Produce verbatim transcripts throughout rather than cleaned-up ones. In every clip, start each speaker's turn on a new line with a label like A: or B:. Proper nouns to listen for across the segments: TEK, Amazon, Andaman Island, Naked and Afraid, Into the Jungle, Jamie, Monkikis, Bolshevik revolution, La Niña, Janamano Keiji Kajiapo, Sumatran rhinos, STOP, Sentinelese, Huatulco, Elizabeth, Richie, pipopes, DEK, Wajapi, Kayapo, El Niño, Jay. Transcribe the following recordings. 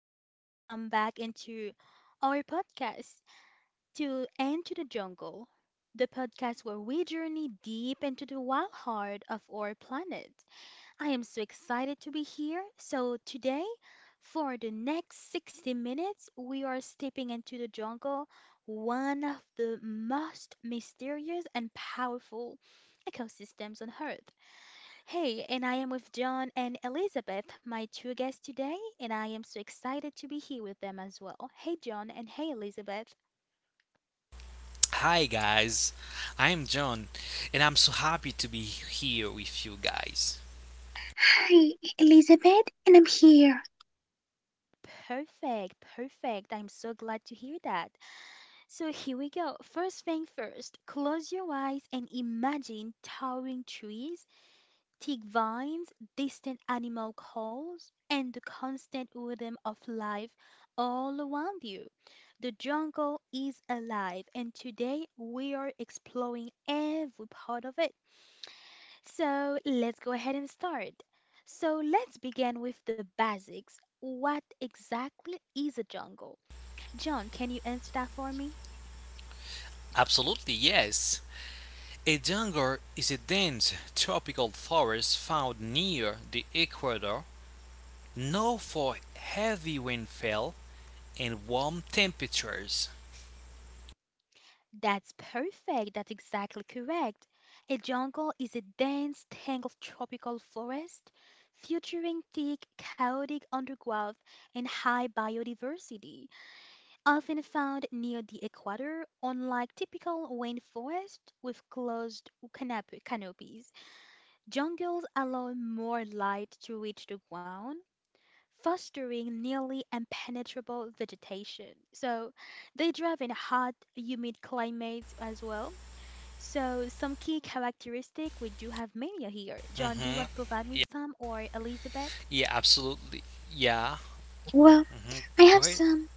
A: and welcome back into our podcast, To Into the Jungle, the podcast where we journey deep into the wild heart of our planet. I am so excited to be here. So, today, for the next sixty minutes, we are stepping into the jungle, one of the most mysterious and powerful ecosystems on Earth. Hey, and I am with John and Elizabeth, my two guests today, and I am so excited to be here with them as well. Hey, John, and hey, Elizabeth.
B: Hi guys, I am John and I'm so happy to be here with you guys.
C: Hi, Elizabeth, and I'm here.
A: Perfect, perfect. I'm so glad to hear that. So here we go. First thing first, close your eyes and imagine towering trees, thick vines, distant animal calls, and the constant rhythm of life all around you. The jungle is alive, and today we are exploring every part of it. So let's go ahead and start. So let's begin with the basics. What exactly is a jungle? John, can you answer that for me?
B: Absolutely, yes. A jungle is a dense tropical forest found near the equator, known for heavy rainfall and warm temperatures.
A: That's perfect. That's exactly correct. A jungle is a dense tangle of tropical forest, featuring thick, chaotic undergrowth and high biodiversity, often found near the equator, unlike typical rainforest with closed canop- canopies. Jungles allow more light to reach the ground, fostering nearly impenetrable vegetation. So, they thrive in hot, humid climates as well. So, some key characteristic we do have mania here.
B: hmm
A: John, do you want to
B: Yeah,
A: provide me some, or Elizabeth?
B: yeah, absolutely. Yeah.
C: Well,
B: hmm Go
C: I
B: ahead.
C: have some,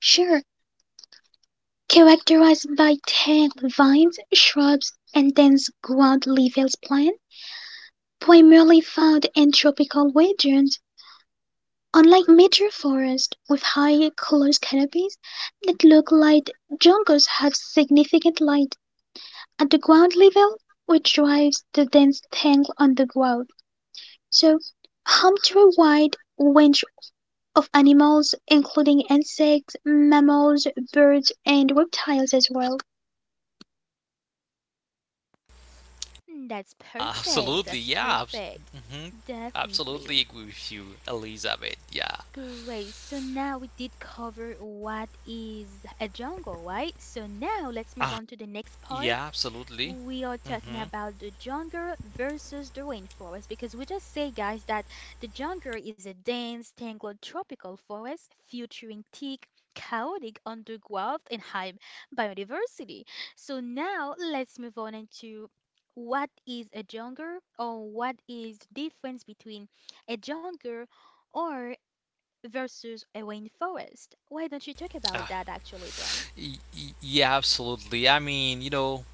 C: sure, characterized by tall vines, shrubs, and dense ground leafless plants, primarily found in tropical regions. Unlike major forests with high closed canopies that look like, jungles have significant light at the ground level, which drives the dense tangle on the ground. So, home to a wide range of animals, including insects, mammals, birds and reptiles as well.
A: Mm, that's perfect.
B: Absolutely,
A: That's
B: yeah. Abs-
A: perfect.
B: hmm Absolutely
A: Definitely.
B: agree with you, Elizabeth. Yeah.
A: Great. So now we did cover what is a jungle, right? So now
B: Ah,
A: let's move on to the next
B: yeah,
A: part.
B: absolutely.
A: We are
B: Mm-hmm.
A: talking about the jungle versus the rainforest, because we just say, guys, that the jungle is a dense, tangled tropical forest featuring thick, chaotic undergrowth and high biodiversity. So now let's move on into what is a jungle, or what is the difference between a jungle or versus a rainforest. Why don't you talk
B: Uh,
A: about that actually, John?
B: y- y- yeah, absolutely. I mean, you know,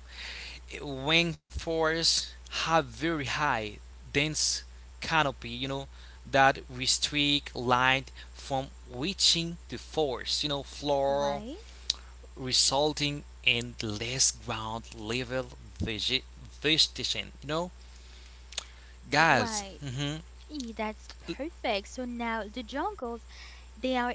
B: rainforests have very high, dense canopy, you know, that restrict light from reaching the forest, you know, floor,
A: Why?
B: resulting in less ground level vege- vegetation, you know? Guys,
A: Why?
B: mm hmm,
A: Eh, that's perfect. So now the jungles, they are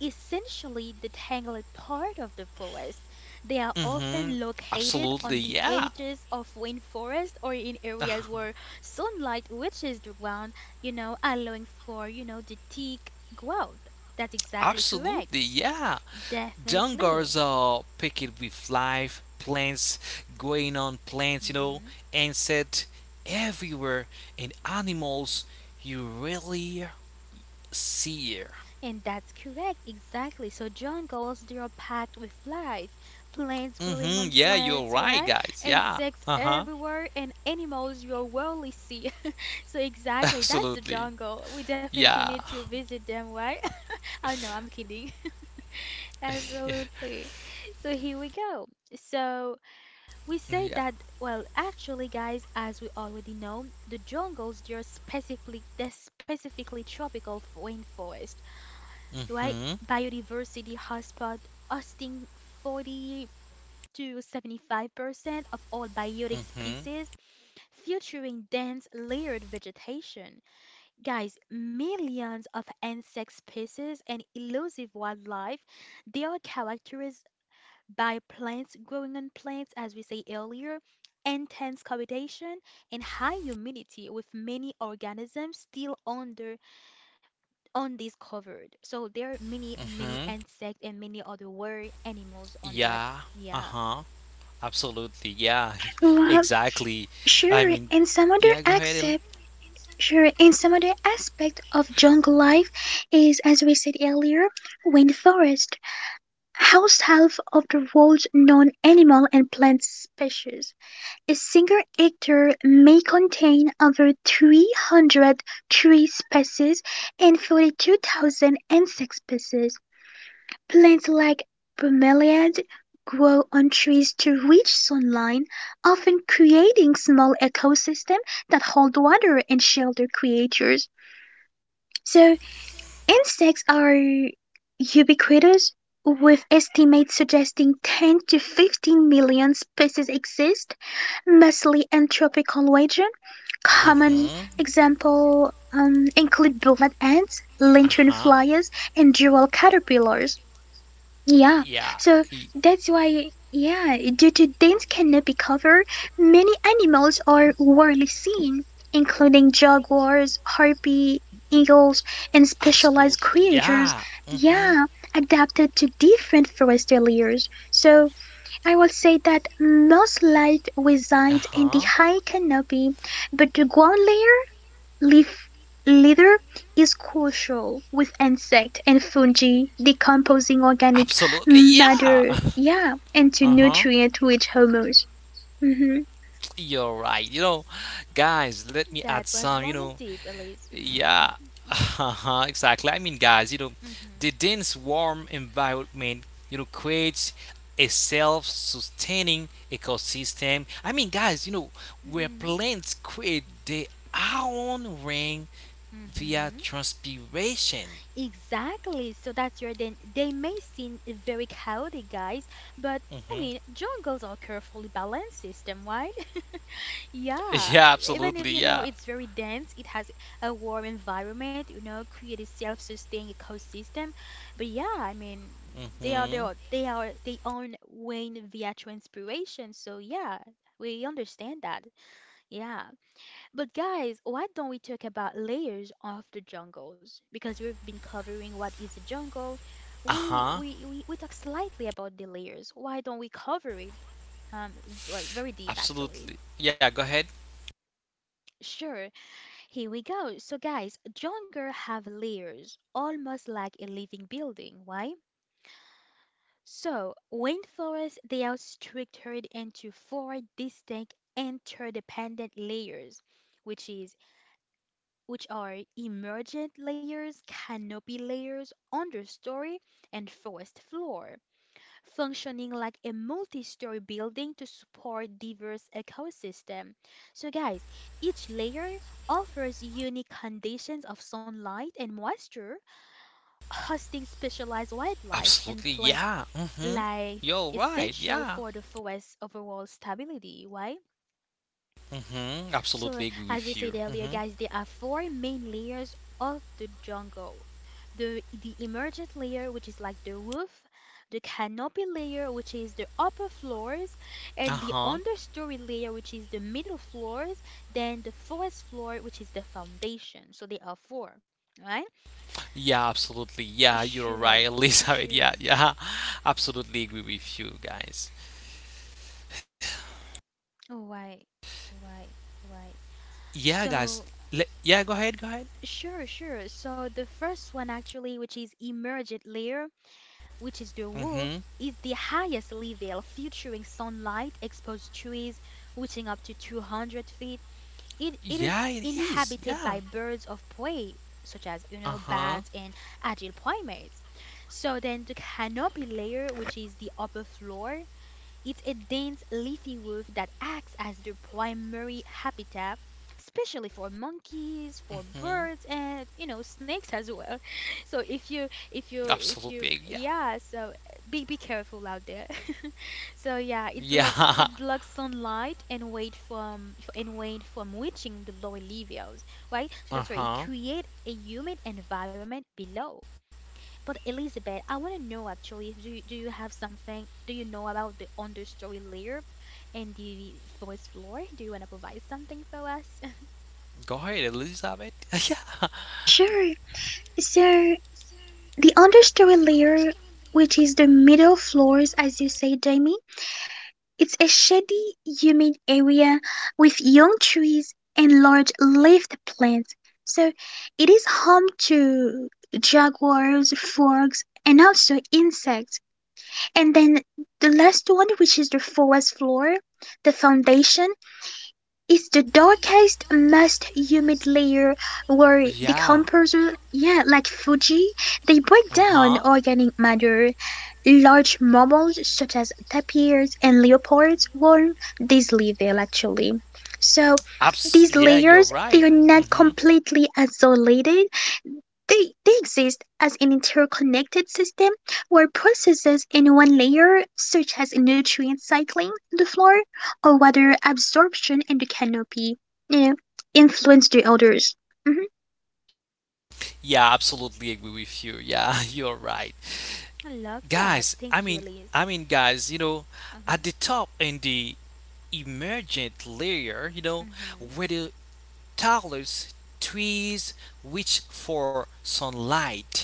A: essentially the tangled part of the forest. They are
B: mm
A: often
B: hmm,
A: located on
B: absolutely,
A: the
B: yeah.
A: edges of rainforest, or in areas where sunlight reaches the ground, you know, allowing for, you know, the thick growth. That's exactly correct.
B: Absolutely, yeah. Dungars
A: Definitely.
B: are picked with live plants, growing on plants, you know,
A: Hmm
B: insect everywhere, and animals you rarely see.
A: And that's correct, exactly. So jungles, they are packed with life. Plants growing
B: Mm-hmm.
A: on
B: Yeah, you're
A: plants,
B: right,
A: right?
B: guys. Yeah.
A: Insects
B: Uh-huh.
A: everywhere, and animals you rarely see. So exactly, that's the
B: Absolutely.
A: jungle. We definitely need
B: Yeah.
A: to visit them, right? Oh no, I'm kidding. Absolutely. So here we go. So we
B: Yeah.
A: say that, well, actually, guys, as we already know, the jungles, they are specifically, they're specifically tropical f- rainforest, right?
B: Mm-hmm.
A: Biodiversity hotspot, hosting forty to seventy-five percent of all biotic
B: Mm-hmm.
A: species, featuring dense layered vegetation. Guys, millions of insect species and elusive wildlife, they are characterized by plants growing on plants, as we say earlier, intense cohabitation, and high humidity, with many organisms still under undiscovered. So there are many, many
B: Mm-hmm.
A: insects and many other weird animals on that.
B: Yeah.
A: Yeah,
B: Uh-huh. Absolutely. Yeah.
C: Well,
B: Exactly. I
C: sure,
B: mean,
C: and some other
B: yeah, go ahead, Ellie.
C: accept Sure, and some other aspect of jungle life is, as we said earlier, rainforest, house half of the world's known animal and plant species. A single hectare may contain over three hundred tree species and forty-two thousand insect species. Plants like bromeliad grow on trees to reach sunlight, often creating small ecosystems that hold water and shelter creatures. So insects are ubiquitous, with estimates suggesting ten to fifteen million species exist, mostly in tropical regions. Common
B: Mm-hmm.
C: examples um, include bullet ants, lantern
B: Uh-huh.
C: flies, and jewel caterpillars. Yeah,
B: Yeah.
C: so
B: Y-
C: that's why, yeah, due to dense canopy cover, many animals are rarely seen, including jaguars, harpy, eagles, and specialized
B: Absolutely.
C: creatures,
B: Yeah. Mm-hmm.
C: yeah, adapted to different forest layers. So I will say that most life resides in the
B: Uh-huh.
C: high canopy, but the ground layer leaf litter is crucial with insect and fungi decomposing organic
B: Absolutely. Yeah,
C: matter, yeah, into
B: Uh-huh.
C: nutrient-rich humus. Mhm.
B: You're right. You know, guys, let me add
A: that was
B: some, you
A: long and
B: know,
A: deep, Elise.
B: Yeah, exactly. I mean, guys, you know,
A: hmm
B: the dense warm environment, you know, creates a self-sustaining ecosystem. I mean, guys, you know, where
A: hmm
B: plants create their own rain via
A: hmm
B: transpiration.
A: Exactly. So that's your then they may seem very chaotic, guys, but I
B: Hmm
A: mean, jungles are carefully balanced system, right? Yeah,
B: Yeah,
A: even
B: absolutely.
A: if you know
B: Yeah.
A: it's very dense, it has a warm environment, you know, create a self-sustaining ecosystem. But yeah, I mean, they are
B: Mm-hmm.
A: their, they are they own Wayne Viatra inspiration. So yeah, we understand that. Yeah. But guys, why don't we talk about layers of the jungles? Because we've been covering what is a jungle. We
B: Uh-huh.
A: we we, we talk slightly about the layers. Why don't we cover it? Um, v- well, very deep actually.
B: Absolutely. Yeah, go ahead.
A: Sure. Here we go. So, guys, jungle have layers, almost like a living building. Why? So, rainforests they are structured into four distinct interdependent layers, which is which are emergent layers, canopy layers, understory, and forest floor, functioning like a multi-story building to support diverse ecosystem. So guys, each layer offers unique conditions of sunlight and moisture, hosting specialized wildlife and
B: Absolutely.
A: plant
B: Yeah. Mm-hmm.
A: life
B: You're right.
A: essential
B: Yeah.
A: for the forest's overall stability, right?
B: Mm-hmm.
A: So,
B: Absolutely agree
A: as we
B: with
A: said
B: you.
A: earlier,
B: Mm-hmm.
A: guys, there are four main layers of the jungle. The the emergent layer, which is like the roof, the canopy layer, which is the upper floors, and the
B: Uh-huh.
A: understory layer, which is the middle floors, then the forest floor, which is the foundation. So there are four, right?
B: Yeah, absolutely. Yeah, you're
A: Sure,
B: right, Elizabeth.
A: sure.
B: Yeah, yeah, absolutely agree with you guys.
A: Why, why, why?
B: Yeah, guys.
A: So,
B: Le- yeah, go ahead, go ahead.
A: sure, sure. So the first one actually, which is emergent layer, which is the roof,
B: Mm-hmm.
A: is the highest level, featuring sunlight, exposed trees reaching up to two hundred feet. It, it is
B: Yeah, it is.
A: inhabited by
B: Yeah.
A: birds of prey, such as, you know, bats
B: Uh-huh.
A: and agile primates. So then the canopy layer, which is the upper floor, it's a dense leafy roof that acts as their primary habitat, especially for
B: Mm-hmm.
A: monkeys, for birds, and you know snakes as well. So if you if you
B: Absolutely.
A: if
B: Yeah.
A: you yeah, so be be careful out there. So yeah, it blocks
B: Yeah.
A: it blocks sunlight and weight from f- and weight from reaching the lower levels, right? So that's why it
B: Uh-huh.
A: create a humid environment below. But Elizabeth, I want to know actually, if do you, do you have something, do you know about the understory layer and the first floor? Do you want to provide something for us?
B: Go ahead, Elizabeth. yeah.
C: Sure. So the understory layer, which is the middle floors, as you say, Jamie, it's a shady, humid area with young trees and large leafed plants. So it is home to jaguars, frogs, and also insects. And then the last one, which is the forest floor, the foundation, is the darkest, most humid layer where
B: Yeah.
C: decomposer, yeah, like Fuji, they break
B: Uh-huh.
C: down organic matter. Large mammals such as tapirs and leopards warm this level actually. So
B: Abs-
C: these
B: yeah, you're
C: layers, they
B: right.
C: are not
B: Mm-hmm.
C: completely isolated, they they exist as an interconnected system where processes in one layer, such as nutrient cycling in the floor or water absorption in the canopy, eh, influence the others. Mhm.
B: Yeah, absolutely agree with you. Yeah, you're right.
A: I love that.
B: Guys, i
A: Thank you,
B: mean
A: Elise.
B: i mean guys, you know, at
A: Uh-huh.
B: the top in the emergent layer, you know,
A: Mm-hmm.
B: where the tallest trees reach for sunlight.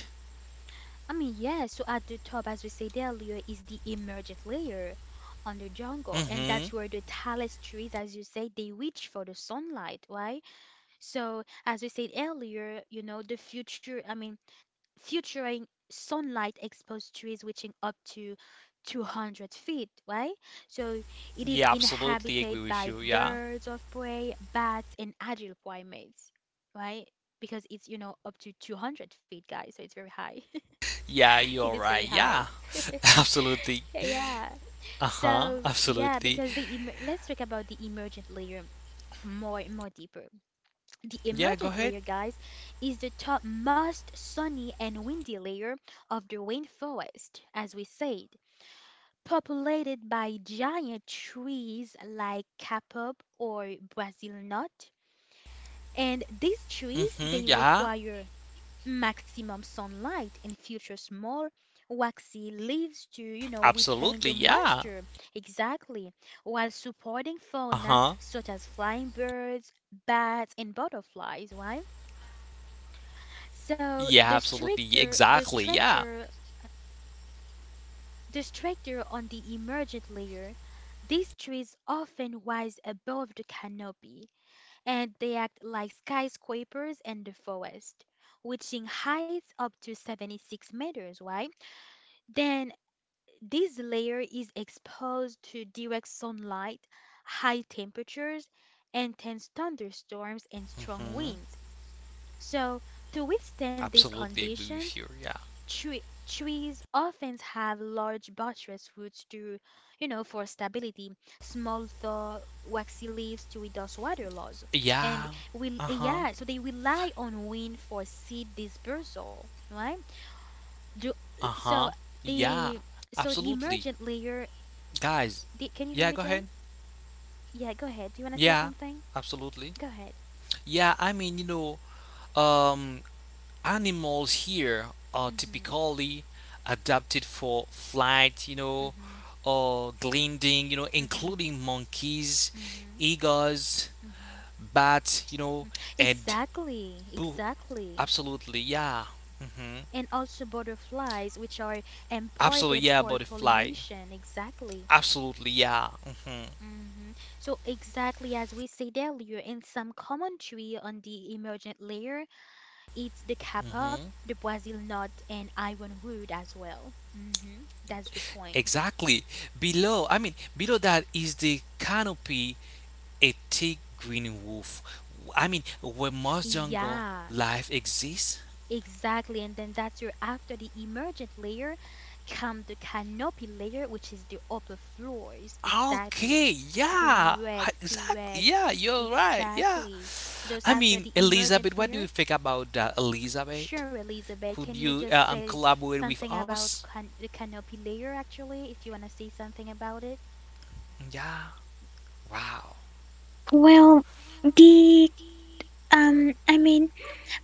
A: I mean, yeah, so at the top, as we said earlier, is the emergent layer on the jungle, and
B: Mm-hmm.
A: that's where the tallest trees, as you say, they reach for the sunlight, right? So, as we said earlier, you know, the future, I mean, featuring sunlight exposed trees reaching up to two hundred feet, right? So it
B: yeah
A: is
B: Absolutely agree
A: inhabited
B: with
A: by
B: you. Yeah,
A: birds of prey, bats, and adult primates, right? Because it's, you know, up to two hundred feet, guys, so it's very high.
B: yeah
A: It
B: you're
A: is very
B: right.
A: high.
B: Yeah. Absolutely.
A: Yeah, yeah.
B: Uh-huh.
A: So, yeah,
B: Absolutely.
A: because the emer, let's talk about the emergent layer more more deeper. The
B: Yeah, go
A: emergent
B: ahead.
A: layer, guys, is the topmost sunny and windy layer of the rainforest, as we said, populated by giant trees like kapop or Brazil nut. And these trees,
B: Mm-hmm.
A: they
B: Yeah,
A: require maximum sunlight and feature small waxy leaves to, you know, retain
B: absolutely.
A: the
B: Yeah.
A: moisture, exactly, while supporting fauna
B: Uh-huh.
A: such as flying birds, bats, and butterflies, right? So the
B: Yeah, absolutely.
A: structure, the
B: Exactly. Yeah.
A: structure, the structure on the emergent layer, these trees often rise above the canopy, and they act like skyscrapers in the forest, reaching heights up to seventy-six meters, right? Then this layer is exposed to direct sunlight, high temperatures, intense thunderstorms, and strong
B: Mm-hmm.
A: winds. So to withstand these
B: Absolutely agree with
A: conditions,
B: you. Yeah
A: Tre trees often have large buttress roots to, you know, for stability, small thaw, waxy leaves to reduce water loss,
B: Yeah.
A: and will
B: Uh-huh.
A: yeah, so they rely on wind for seed dispersal, right? Do,
B: Uh-huh.
A: so
B: Yeah.
A: the so the
B: Absolutely.
A: emergent layer,
B: Guys,
A: the, can you
B: yeah,
A: hear
B: go
A: me,
B: ahead.
A: John? Yeah, go ahead. Do you want to say
B: Yeah.
A: something?
B: Absolutely.
A: Go ahead.
B: Yeah, I mean, you know, um animals here are
A: Mhm.
B: typically adapted for flight, you know,
A: Mhm.
B: or gliding, you know,
A: Mhm.
B: including monkeys,
A: Mhm.
B: eagles,
A: Mhm.
B: bats, you know,
A: Mhm.
B: and
A: Exactly.
B: boo.
A: Exactly.
B: Absolutely. Yeah. Mhm.
A: And also butterflies, which are
B: Absolutely.
A: important
B: Yeah,
A: for
B: butterfly.
A: pollination. Exactly.
B: Absolutely. Yeah. Mhm.
A: hmm So, exactly as we said earlier, in some commentary on the emergent layer, it's the kapap,
B: Mhm.
A: the Brazil nut, and ironwood as well. Hmm That's the point.
B: Exactly. Below, I mean, below that is the canopy, a thick green roof. I mean, where most jungle
A: Yeah,
B: life exists.
A: exactly, and then that's your after the emergent layer come the canopy layer, which is the upper floors.
B: Okay,
A: Exactly.
B: yeah,
A: Correct,
B: exactly.
A: correct.
B: Yeah, you're right. Yeah.
A: Exactly. So those
B: I
A: after
B: mean,
A: the
B: Elizabeth,
A: emergent
B: what do
A: layer.
B: you think about that, Elizabeth?
A: Sure, Elizabeth, can
B: Could
A: you
B: you
A: just
B: uh, um,
A: say
B: collaborate with
A: something about,
B: us?
A: can the canopy layer actually, if you want to say something about it?
B: Yeah. Wow.
C: Well, the um, I mean,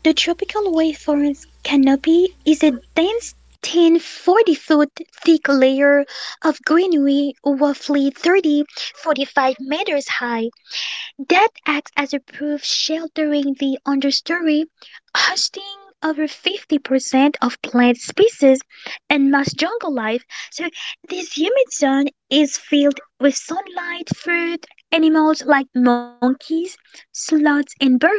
C: the tropical waveform's canopy is a dense ten forty foot thick layer of greenery, roughly thirty forty-five meters high. That acts as a roof sheltering the understory, hosting over fifty percent of plant species and most jungle life. So, this humid zone is filled with sunlight, fruit, animals like monkeys, sloths, and birds.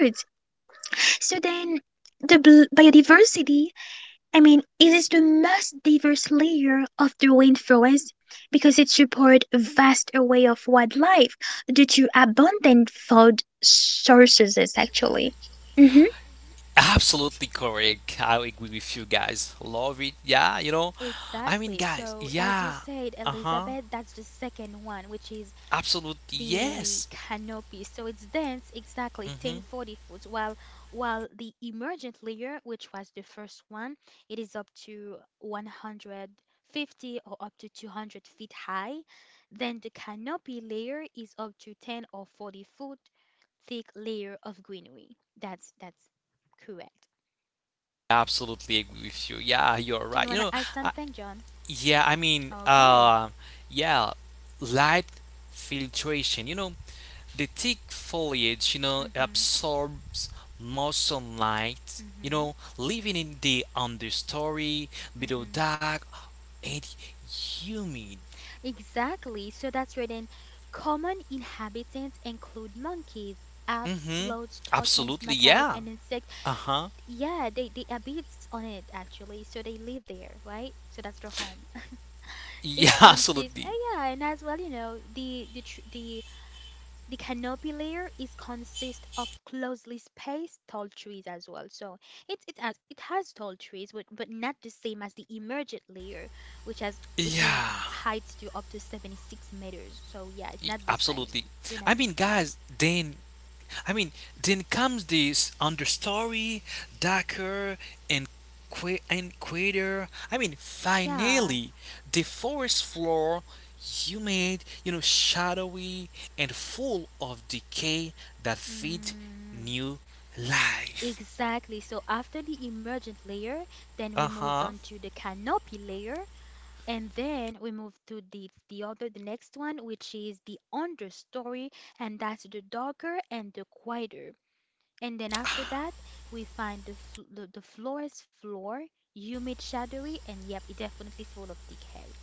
C: So, then the bl- biodiversity, I mean, it is the most diverse layer of the rainforest because it supports a vast array of wildlife due to abundant food sources, actually. Hmm
B: Absolutely correct. I agree with you guys. Love it. Yeah, you know. I mean,
A: Exactly.
B: guys,
A: So, as you
B: yeah.
A: said,
B: Uh huh.
A: Elizabeth, that's the second one, which is
B: Absolutely,
A: the
B: yes.
A: canopy. So it's dense, exactly
B: hmm
A: 10 40 foot, while while the emergent layer, which was the first one, it is up to one hundred fifty or up to two hundred feet high. Then the canopy layer is up to ten or forty foot thick layer of greenery. That's that's correct.
B: Absolutely agree with you. Yeah, you're
A: Do you
B: right.
A: want
B: You
A: to
B: know,
A: add
B: uh,
A: something, John?
B: yeah, I mean,
A: Okay.
B: uh, yeah, light filtration. You know, the thick foliage, you know,
A: Mhm.
B: absorbs more sunlight. You
A: Mhm.
B: know, living in the understory, below
A: Mhm.
B: dark and humid.
A: Exactly. So that's written. Common inhabitants include monkeys, apes,
B: Mm-hmm.
A: sloths, toucans,
B: Absolutely,
A: macaws,
B: yeah.
A: and insects.
B: Uh-huh.
A: Yeah, they, they habits on it actually. So they live there, right? So that's their home.
B: Yeah,
A: It consists,
B: absolutely.
A: uh, yeah, and as well, you know, the the tr- the the canopy layer is consist of closely spaced tall trees as well. So it it has it has tall trees, but, but not the same as the emergent layer, which has which in
B: Yeah,
A: heights to up to seventy-six meters. So yeah, it's
B: y-
A: not the same.
B: absolutely.
A: They're
B: I
A: not the
B: mean,
A: same.
B: guys, then I mean, then comes this understory, darker and qu- and quieter. I mean,
A: Yeah.
B: finally, the forest floor, humid, you know, shadowy and full of decay that feed
A: Mm,
B: new life.
A: exactly. So after the emergent layer, then we
B: Uh
A: moved on
B: huh.
A: to the canopy layer. And then we move to the the other the next one, which is the understory, and that's the darker and the quieter. And then after that we find the fl- the, the floor's floor, humid, shadowy, and yep, it definitely full of decay.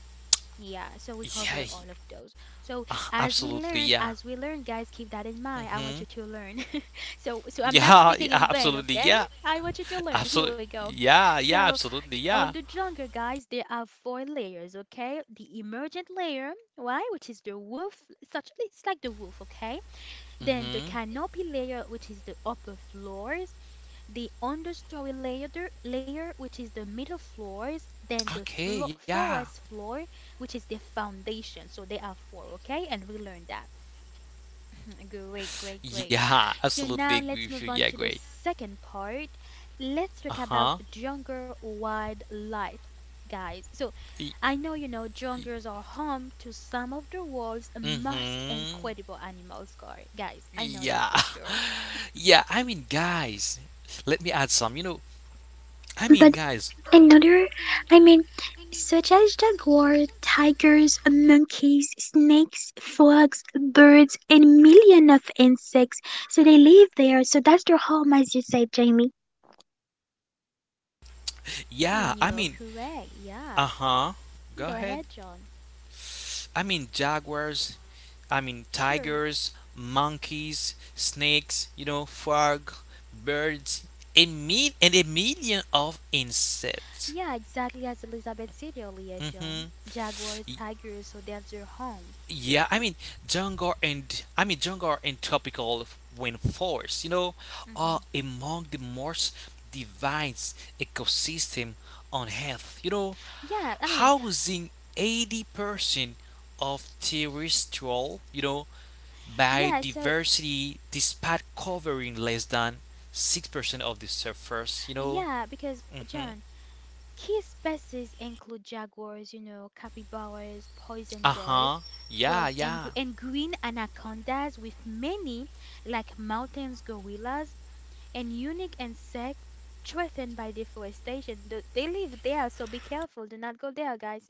A: Yeah, so we cover
B: Yeah,
A: all of those. So as we
B: absolutely.
A: learn,
B: Yeah.
A: as we learn, guys, keep that in mind. I want
B: Mm-hmm.
A: you to learn. So so I'm not
B: Yeah,
A: speaking
B: yeah,
A: in vain,
B: absolutely.
A: okay?
B: Yeah,
A: I want you to learn. Here
B: absolutely.
A: we go.
B: Yeah, yeah,
A: So
B: absolutely.
A: on
B: Yeah.
A: the jungle, guys, there are four layers, okay? The emergent layer, why? Which is the roof, it's actually it's like the roof, okay? Then the
B: Mm-hmm.
A: canopy layer, which is the upper floors, the understory layer, the layer which is the middle floors, then the
B: Okay.
A: flo
B: Yeah.
A: forest floor, which is the foundation. So there are four, okay? And we learned that. Great, great, great.
B: Yeah,
A: So
B: absolutely
A: now
B: agree
A: let's
B: with you.
A: move on
B: Yeah,
A: to the
B: great.
A: second part. Let's talk
B: Uh
A: about
B: huh.
A: jungle wildlife, guys. So I know you know jungles are home to some of the world's most
B: Mm-hmm.
A: incredible animals, guy- guys. I know that for
B: Yeah.
A: sure.
B: Yeah, I mean, guys, let me add some. You know, I mean,
C: But
B: guys,
C: another, I mean, such as jaguar, tigers, monkeys, snakes, frogs, birds, and million of insects. So they live there. So that's their home, as you said, Jamie.
A: And
B: yeah, I
A: you're
B: mean,
A: correct. Yeah.
B: uh huh. Go
A: Go
B: ahead.
A: ahead, John.
B: I mean, jaguars, I mean,
A: Sure.
B: tigers, monkeys, snakes, you know, frog, birds, a mil- and a million of insects.
A: Yeah, exactly as Elizabeth said earlier,
B: Mm hmm.
A: John. Jaguars, tigers, so that's their home.
B: Yeah, I mean jungle and I mean jungle and tropical rainforests, you know, are
A: hmm
B: among the most diverse ecosystem on Earth. You know,
A: Yeah, I mean,
B: housing eighty percent of terrestrial, you know,
A: yeah, so.
B: biodiversity despite covering less than six percent of the surface, you know.
A: Yeah, because
B: Mhm.
A: John, key species include jaguars, you know, capybaras, poison dart,
B: Uh-huh. Yeah,
A: frogs, and gr-
B: yeah.
A: and green anacondas, with many like mountains gorillas and unique insect threatened by deforestation. Th- They live there, so be careful. Do not go there, guys.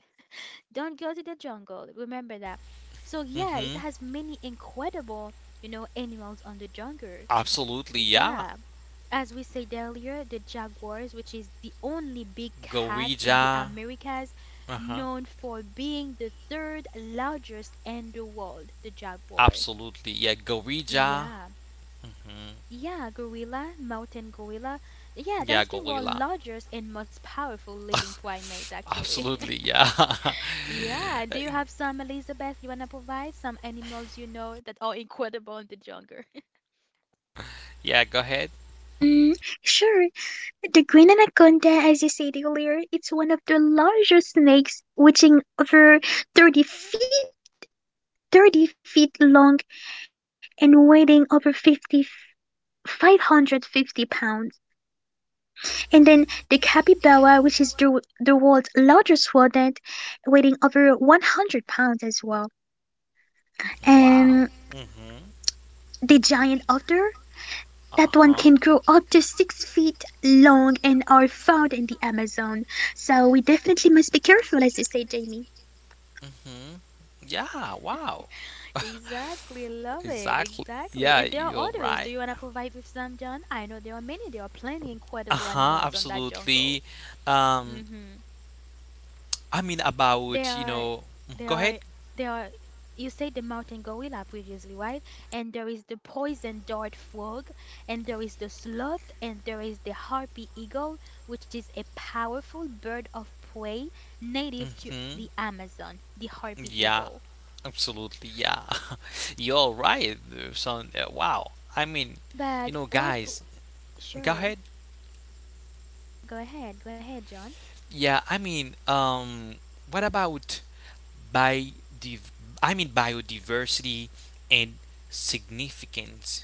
A: Don't go to the jungle. Remember that. So yeah, it
B: Mhm.
A: has many incredible, you know, animals on the jungle.
B: Absolutely, yeah.
A: Yeah, as we said earlier, the jaguars, which is the only big cat in the
B: Gorilla.
A: Americas,
B: Uh-huh.
A: known for being the third largest in the world, the jaguar.
B: Absolutely. Yeah, Gorilla.
A: Yeah. Yeah, gorilla, mountain gorilla. Yeah,
B: Yeah,
A: that's the world's
B: Gorilla.
A: largest and most powerful living primate, actually.
B: Absolutely. Yeah.
A: Yeah, do you have some, Elizabeth? You wanna provide some animals you know that are incredible in the jungle?
B: yeah, go ahead.
C: Mm, sure, the green anaconda, as you said earlier, it's one of the largest snakes, reaching over thirty feet, thirty feet long and weighing over fifty, five hundred fifty pounds. And then the capybara, which is the, the world's largest rodent, weighing over one hundred pounds as well.
B: Wow.
C: And
B: Mhm.
C: the giant otter, that one
B: Uh-huh.
C: can grow up to six feet long and are found in the Amazon. So we definitely must be careful, as you say, Jamie.
B: Mhm. Yeah, wow.
A: Exactly, love it.
B: Exactly.
A: Exactly.
B: Yeah,
A: And there are
B: you're
A: others. Do
B: right.
A: you want to provide with some, John? I know there are many. There are plenty incredible
B: Uh-huh,
A: animals on that jungle.
B: absolutely. Um
A: Mm-hmm.
B: I mean
A: There
B: about, you
A: are,
B: know,
A: there
B: go ahead.
A: are, there are. You said the mountain gorilla previously, right? And there is the poison dart frog, and there is the sloth, and there is the harpy eagle, which is a powerful bird of prey native to
B: Mhm.
A: the Amazon, the harpy
B: Yeah.
A: eagle.
B: Absolutely, yeah. You're right. uh, Son, uh, wow. I mean, you
A: But
B: know,
A: what?
B: guys, go
A: Sure.
B: ahead.
A: Go ahead, go ahead, John.
B: Yeah, I mean, um, what about bi? div- I mean, biodiversity and significance.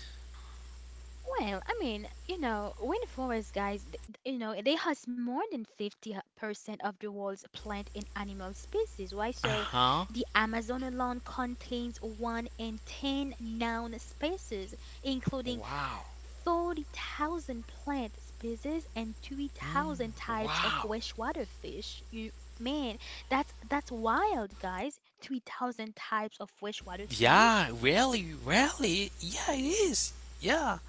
A: Well, I mean, you know, rainforest guys, th- th- you know, they host more than fifty percent of the world's plant and animal species, right?
B: Uh
A: So
B: huh.
A: the Amazon alone contains one in ten known species, including
B: Wow.
A: forty thousand plant species and three thousand
B: Mm,
A: types of
B: wow.
A: freshwater fish. You man, that's that's wild, guys. three thousand types of freshwater
B: Yeah,
A: fish.
B: really, really. Yeah, it is. Yeah.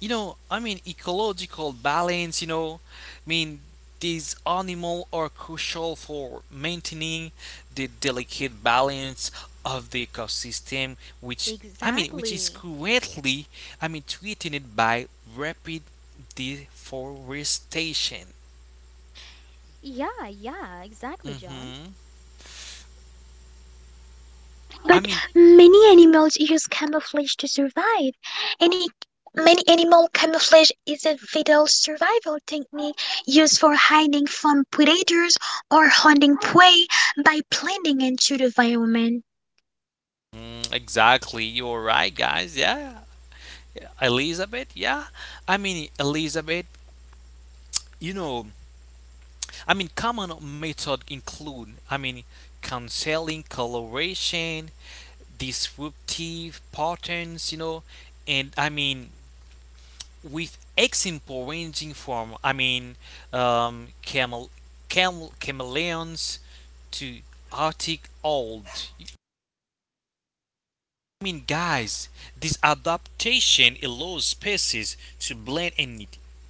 B: You know, i mean ecological balance, you know, I mean, these animals are crucial for maintaining the delicate balance of the ecosystem, which i mean which is
A: Exactly.
B: currently, i mean threatened by rapid deforestation.
A: Yeah, yeah, exactly, John.
B: hmm i
C: But
B: mean
C: many animals use camouflage to survive. Any many animal camouflage is a vital survival technique used for hiding from predators or hunting prey by blending into the environment.
B: Mm, exactly. You're right, guys. Yeah. Yeah. Elizabeth, yeah. I mean, Elizabeth, you know, I mean, common methods include, I mean, canceling coloration, disruptive patterns, you know, and I mean, with example ranging from, I mean, um, camel, camel, chameleons to Arctic old. I mean, guys, this adaptation allows species to blend and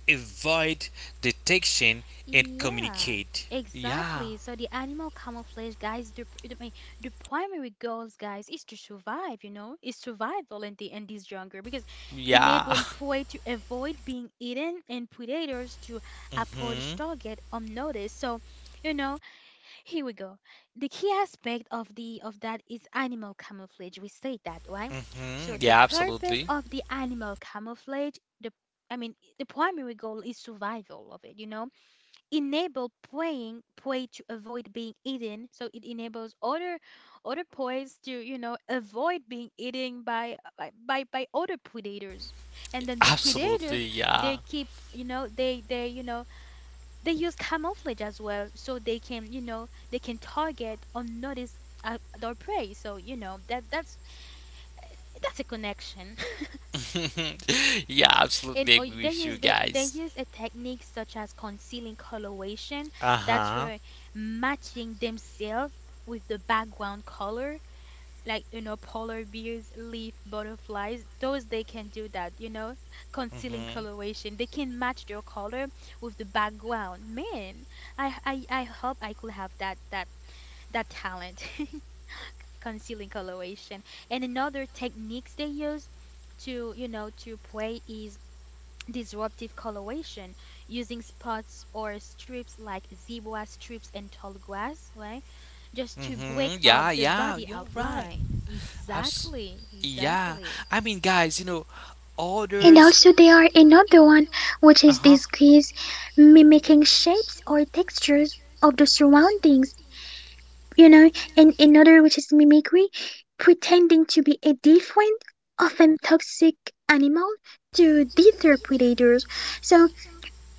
B: avoid detection and
A: Yeah,
B: communicate. Yeah,
A: exactly. So the animal camouflage, guys, the, pr- I mean, the primary goals, guys, is to survive, you know, is survival in the in this jungle because
B: yeah.
A: enabling prey to avoid being eaten and predators to approach
B: Mhm.
A: target unnoticed. So, you know, here we go. The key aspect of the of that is animal camouflage. We say that, right?
B: hmm
A: So the
B: Yeah,
A: purpose
B: absolutely.
A: of the animal camouflage, the I mean, the primary goal is survival of it, you know? Enable preying prey to avoid being eaten. So it enables other other preys to, you know, avoid being eaten by by by, by other predators. And then the
B: Absolutely,
A: predators
B: yeah.
A: they keep, you know, they they, you know, they use camouflage as well so they can you know they can target or notice uh, their prey, so you know that that's that's a connection.
B: yeah,
A: And
B: absolutely
A: or
B: agree
A: they
B: with you
A: use the, they
B: guys.
A: use a technique such as concealing coloration.
B: Uh
A: That's
B: huh.
A: where, matching themselves with the background color, like you know polar bears, leaf butterflies, those, they can do that, you know Concealing
B: Mm-hmm.
A: coloration, they can match their color with the background, man. I, I I hope I could have that that that talent. Concealing coloration. And another techniques they use to, you know to play, is disruptive coloration, using spots or strips like zebra strips and tall grass, right? Just to
B: Mm-hmm.
A: break up
B: Yeah,
A: the
B: yeah,
A: body
B: you're right.
A: outline.
B: Abs-
A: Exactly,
B: yeah.
A: exactly.
B: I mean, guys, you know,
C: And
B: orders.
C: also there are another one which
B: Uh
C: is
B: huh.
C: disguise, mimicking shapes or textures of the surroundings. You know, and another which is mimicry, pretending to be a different, often toxic animal to deter predators. So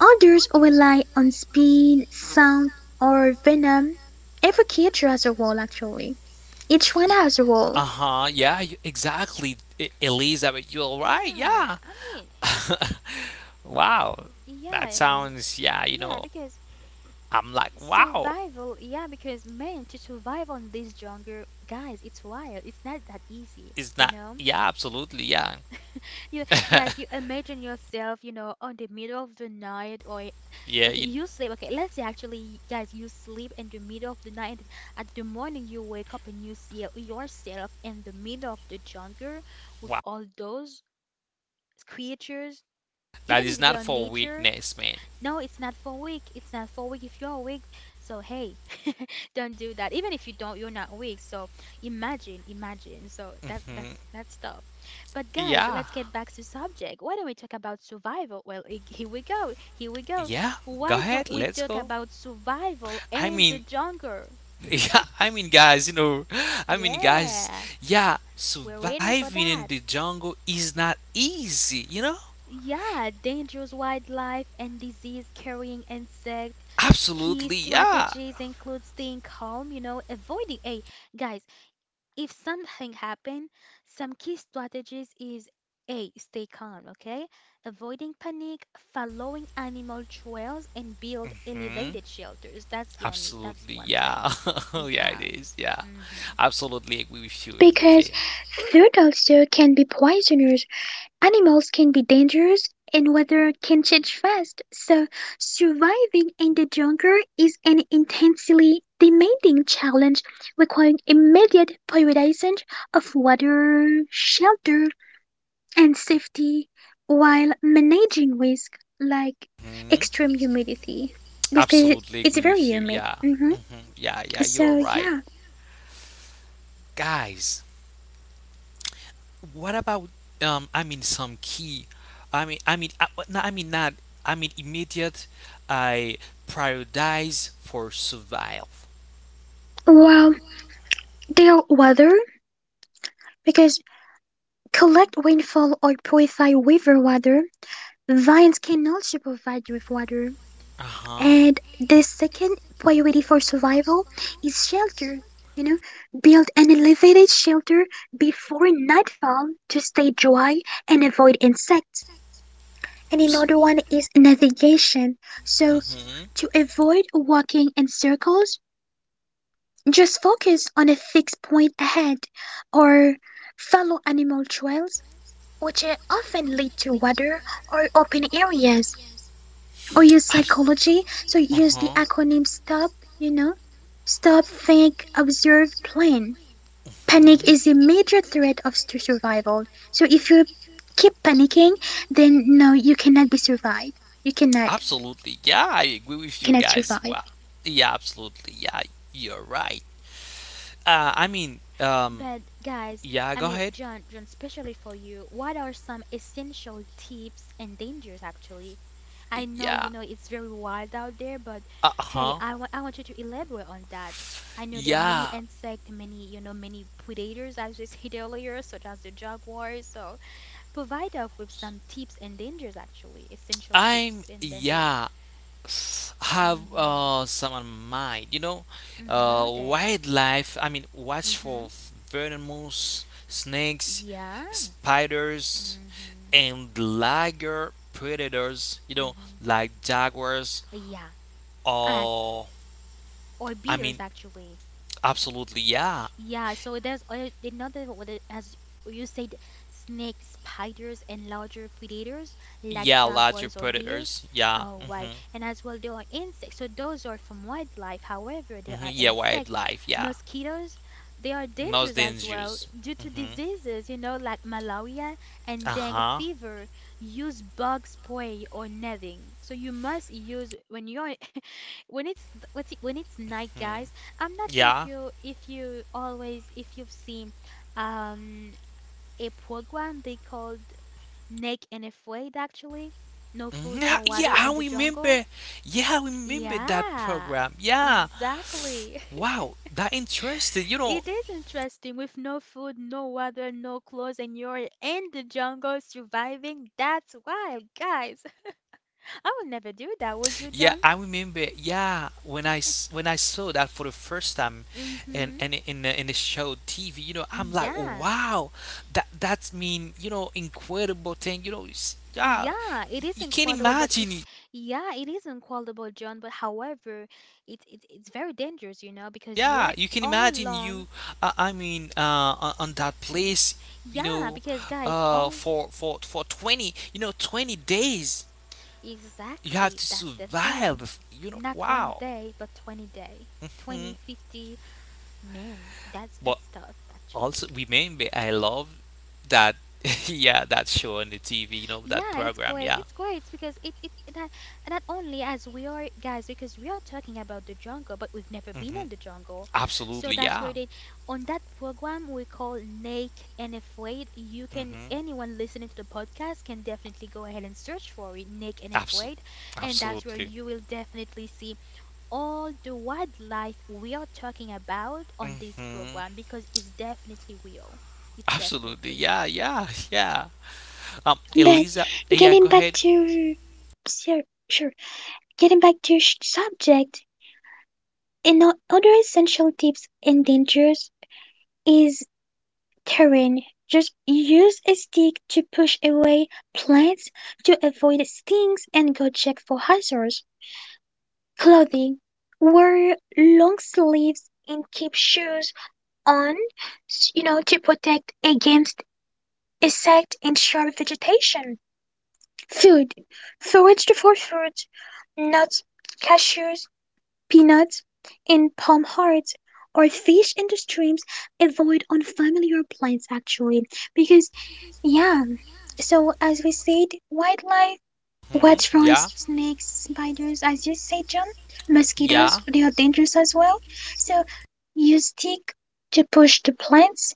C: others rely on speed, sound, or venom. Every creature has a role, actually. Each one has a role.
B: Uh huh. Yeah, you, exactly, E- Elizabeth. You're right.
A: Yeah,
B: Yeah.
A: I mean,
B: Wow. That
A: yeah, Liz,
B: sounds, yeah, you
A: yeah,
B: know,
A: because
B: I'm like, wow.
A: survival. Yeah, because, man, to survive on this jungle, guys, it's wild. It's not that easy
B: It's
A: you
B: not,
A: know
B: yeah, absolutely, yeah.
A: You Guys, you imagine yourself, you know, on the middle of the night, or
B: yeah,
A: okay,
B: you,
A: you sleep. Okay, let's say, actually, guys, you sleep in the middle of the night. At the morning, you wake up and you see yourself in the middle of the jungle with
B: wow.
A: all those creatures,
B: That
A: even
B: is
A: if they
B: not
A: are
B: for
A: nature.
B: weakness, man.
A: No, it's not for weak. It's not for weak if you're weak. So hey, don't do that. Even if you don't, you're not weak. So imagine, imagine. So that
B: hmm
A: that's that's tough. But guys,
B: Yeah.
A: let's get back to subject. Why don't we talk about survival? Well, i- here we go. Here we go.
B: Yeah. Go
A: Why don't
B: ahead.
A: we
B: Let's
A: talk
B: go.
A: about survival
B: I
A: and the
B: mean,
A: jungle?
B: yeah, I mean, guys, you know, I mean, guys,
A: Yeah,
B: yeah,
A: we're waiting for
B: surviving in
A: that.
B: the jungle is not easy, you know?
A: Yeah, dangerous wildlife and disease-carrying insect. Key
B: Absolutely, yeah.
A: strategies include staying calm, you know, avoiding. A, guys, if something happen, some key strategies is A, stay calm, okay? Avoiding panic, following animal trails, and build
B: Hmm?
A: elevated shelters. That's the only, that's
B: Absolutely,
A: one thing.
B: yeah. yeah, it
A: Yeah.
B: is, yeah.
A: Hmm.
B: Absolutely agree with you,
C: Because
B: Jay.
C: food also can be poisonous, animals can be dangerous and weather can change fast, so surviving in the jungle is an intensely demanding challenge requiring immediate prioritization of water, shelter, and safety while managing risks like
B: hmm
C: extreme humidity because
B: Absolutely
C: it's
B: agree
C: very
B: with you.
C: humid.
B: Yeah.
C: Hmm.
B: hmm Yeah, yeah, you're
C: So,
B: right.
C: yeah.
B: Guys, what about um I mean some key, I mean I mean I, no, I mean not I mean immediate I prioritize for survival.
C: Well, their weather, because collect rainfall or purify river water, vines can also provide you with water,
B: Uh-huh.
C: and the second priority for survival is shelter. You know, build an elevated shelter before nightfall to stay dry and avoid insects. And
B: Abs-
C: another one is navigation. So,
B: mhm.
C: to avoid walking in circles, just focus on a fixed point ahead or follow animal trails, which uh, often lead to water or open areas. Or use
B: Abs-
C: psychology. So use the
B: uh-huh.
C: acronym STOP, you know? Stop, think, observe, plan. Panic is a
B: Mhm.
C: major threat of s- to survival. So if you keep panicking, then no, you cannot be survived. You cannot.
B: Absolutely. Yeah, I agree
C: You
B: with you
C: cannot
B: guys.
C: survive.
B: Wow. Yeah, absolutely. Yeah, you're right. Uh, I mean, um,
A: But guys,
B: yeah,
A: I
B: go
A: mean,
B: ahead.
A: John, John, especially for you, what are some essential tips and dangers actually? I know,
B: Yeah,
A: you know, it's very wild out there, but
B: uh
A: hey,
B: huh.
A: I want I want you to elaborate on that. I know there are many
B: Yeah,
A: insect, many, you know, many predators, as we said earlier, such as the jaguars. So provide us with some tips and dangers actually, essential
B: I'm,
A: tips and dangers.
B: yeah, have
A: Mm-hmm.
B: uh, some on mind, you know,
A: Mm-hmm. What
B: uh,
A: are they?
B: wildlife, I mean, watch for
A: Mm-hmm.
B: venomous snakes,
A: Yeah.
B: spiders,
A: Mm-hmm.
B: and larger predators, you know,
A: Mm-hmm.
B: like jaguars,
A: Yeah. As
B: or,
A: Or
B: I
A: beers
B: mean,
A: actually.
B: absolutely, yeah,
A: Yeah, so there's other- another one that- as you said, snakes, spiders, and larger predators like
B: yeah, larger
A: jaguars or bears.
B: predators, yeah,
A: Oh,
B: mm
A: why?
B: hmm,
A: And as well, there are insects. So those are from wildlife. However,
B: mm
A: there
B: hmm,
A: are
B: yeah,
A: insect,
B: wildlife, yeah.
A: mosquitoes. They are
B: Most
A: dangerous as
B: Danish
A: well
B: Jews.
A: due to
B: hmm
A: diseases, you know, like malaria and dengue
B: Uh-huh.
A: fever. Use bug spray or netting. So you must use when you're when it's th- what's it- when it's night,
B: Hmm.
A: guys. I'm not sure if
B: Yeah.
A: you if you always if you've seen um a program they called Naked and Afraid, actually. No
B: Mhm.
A: food,
B: Yeah,
A: no
B: yeah,
A: water
B: I
A: in the jungle.
B: remember. Yeah, I remember that
A: Yeah,
B: program. Yeah.
A: exactly.
B: Wow, that interesting. You know.
A: It is interesting, with no food, no water, no clothes, and you're in the jungle surviving. That's wild, guys. I would never do that. Would you,
B: Yeah,
A: John?
B: I remember. Yeah, when I s- when I saw that for the first time, and
A: Mm-hmm.
B: and in the, in the show T V, you know, I'm like,
A: Yeah.
B: wow, that that's mean, you know, incredible thing. You know, it's, yeah,
A: Yeah, it is
B: you can't
A: incredible, but it's
B: imagine.
A: yeah, it is incredible, John. But however, it's it's it's very dangerous, you know, because
B: Yeah,
A: you're
B: you can
A: all
B: imagine
A: alone.
B: you, uh, I mean, uh, On, on that place, you
A: Yeah,
B: know,
A: because, guys,
B: uh,
A: all
B: for for for twenty, you know, twenty days, you have
A: exactly,
B: to
A: that's the thing.
B: survive, you know,
A: Not one
B: wow.
A: day, but twenty day,
B: Hmm.
A: twenty fifty, men. That's
B: But
A: that's tough, actually.
B: also remember, I love that, yeah, that show on the T V, you know, that
A: Yeah, it's
B: program,
A: great.
B: yeah.
A: It's great. It's because it it not, not only as we are, guys, because we are talking about the jungle, but we've never been
B: hmm
A: on the jungle, so
B: Absolutely,
A: that's
B: yeah.
A: where they on that program we call Naked and Afraid. You can
B: hmm
A: Anyone listening to the podcast can definitely go ahead and search for it, Naked and
B: Absolutely,
A: Afraid, and that's where
B: absolutely.
A: you will definitely see all the wildlife we are talking about on this
B: hmm
A: program, because it's definitely real. It's
B: Absolutely,
A: definitely.
B: yeah, yeah, yeah. Um,
C: But
B: Eliza, yeah,
C: getting
B: go
C: back
B: ahead.
C: to sure, sure. Getting back to sh- subject, another essential tips and dangers is Karen, just use a stick to push away plants to avoid stings and go check for hazards. Clothing. Wear long sleeves and keep shoes on, s- you know, to protect against insect and sharp vegetation. Food. Forage for food, nuts, cashews, peanuts, and palm hearts. Or fish in the streams, avoid unfamiliar plants actually, because, yeah, so, as we said, wildlife,
B: Hmm.
C: watch for
B: Yeah.
C: snakes, spiders, as you said, John, mosquitoes,
B: Yeah.
C: they are dangerous as well. So, use stick to push the plants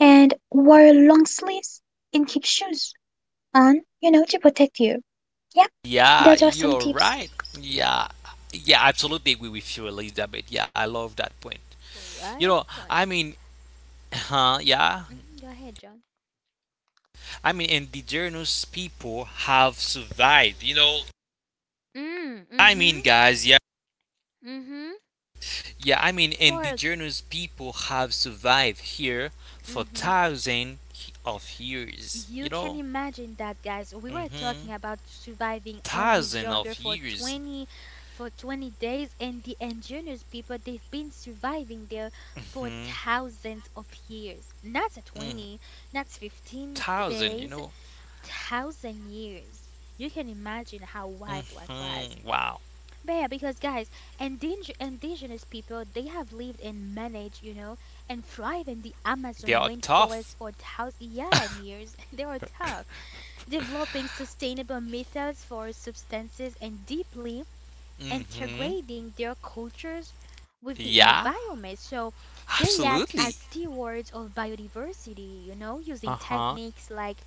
C: and wear long sleeves and keep shoes on, you know, to protect you. Yep,
B: Yeah,
C: that are some
B: you're
C: tips.
B: right. Yeah, yeah, I absolutely agree with you, Elizabeth. Yeah, I love that point. You
A: What
B: know,
A: I
B: I
A: point.
B: mean, huh? Yeah,
A: Hmm. Go ahead, John.
B: I mean, indigenous people have survived. You know,
A: Mm,
B: I
A: mm-hmm,
B: mean, guys, yeah,
A: mm-hmm.
B: yeah, I mean,
A: For
B: indigenous people have survived here for
A: Mm-hmm.
B: thousands of years.
A: You
B: You
A: can
B: know,
A: imagine that, guys. We were
B: mm-hmm.
A: talking about surviving on this
B: Thousands
A: jungle
B: of
A: for
B: years.
A: twenty for twenty days, and the indigenous people they've been surviving there for
B: Hmm.
A: thousands of years. Not
B: Mm.
A: twenty, not fifteen
B: Thousand, you
A: days,
B: know.
A: thousand years. You can imagine how wild that was.
B: hmm Wow.
A: Yeah, because, guys, indig indigenous people, they have lived and managed, you know, and thrive in the Amazon
B: They are tough.
A: rainforest for thousands, yeah, and years. They are tough, developing sustainable methods for substances and deeply
B: hmm
A: integrating their cultures with the
B: Yeah.
A: environment. So they act as
B: Absolutely.
A: stewards of biodiversity, you know, using
B: Uh huh.
A: techniques like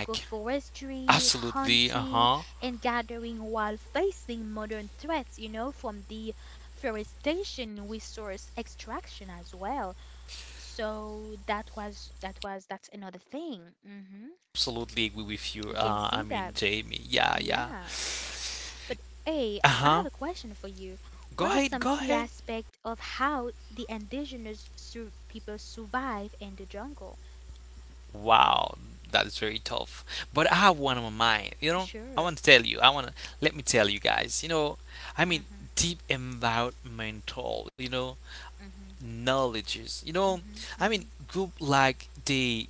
B: Like, absolutely. Uh
A: hunting,
B: huh.
A: and gathering, while facing modern threats, you know, from deforestation, resource extraction as well. So that was that was that's another thing. Hmm.
B: Absolutely agree with you.
A: We can
B: Uh, I
A: see
B: mean,
A: that.
B: Jamie. Yeah, yeah.
A: Yeah. But hey,
B: Uh
A: I have
B: huh.
A: a question for you. What
B: Go
A: are
B: ahead.
A: some
B: Go
A: key
B: ahead.
A: aspects of how the indigenous sur people survive in the jungle?
B: Wow. That is very tough. But I have one on my mind. You know, I
A: Sure.
B: want to tell you. I want to let me tell you guys. You know, I mean,
A: Mm-hmm.
B: deep environmental. You know,
A: Mm-hmm.
B: knowledges. You know,
A: Mm-hmm.
B: I mean,
A: Mm-hmm.
B: group like the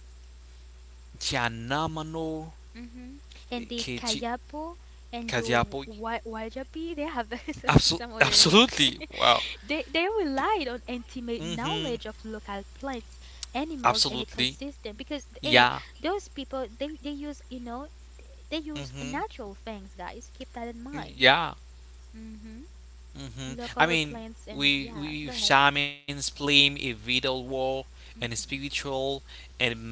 B: Janamano
A: Mm-hmm. And the
B: Keiji
A: Kayapo and the
B: Kajiapo.
A: Wa- Wajapi, they have some
B: Absol-
A: some other name.
B: absolutely. Wow.
A: They they relied on intimate
B: Mm-hmm.
A: knowledge of local plants, animals, and
B: Absolutely.
A: ecosystem, because hey,
B: Yeah.
A: those people, they they use you know they use
B: Mm-hmm.
A: natural things, guys. Keep that in mind.
B: Yeah.
A: Mm-hmm.
B: Mm-hmm. I
A: Local
B: mean,
A: plants and
B: we
A: yeah, go
B: we
A: ahead.
B: shamans claim a vital war and
A: Mm-hmm.
B: spiritual and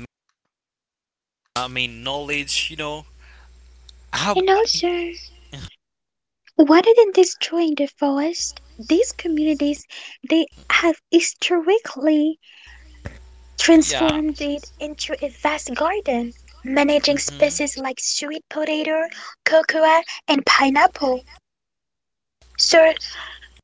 B: I mean knowledge. You know how?
C: And also, rather than destroying the forest, these communities, they have historically
B: Yeah.
C: transformed it into a vast garden, managing
B: Mm-hmm.
C: species like sweet potato, cocoa, and pineapple. So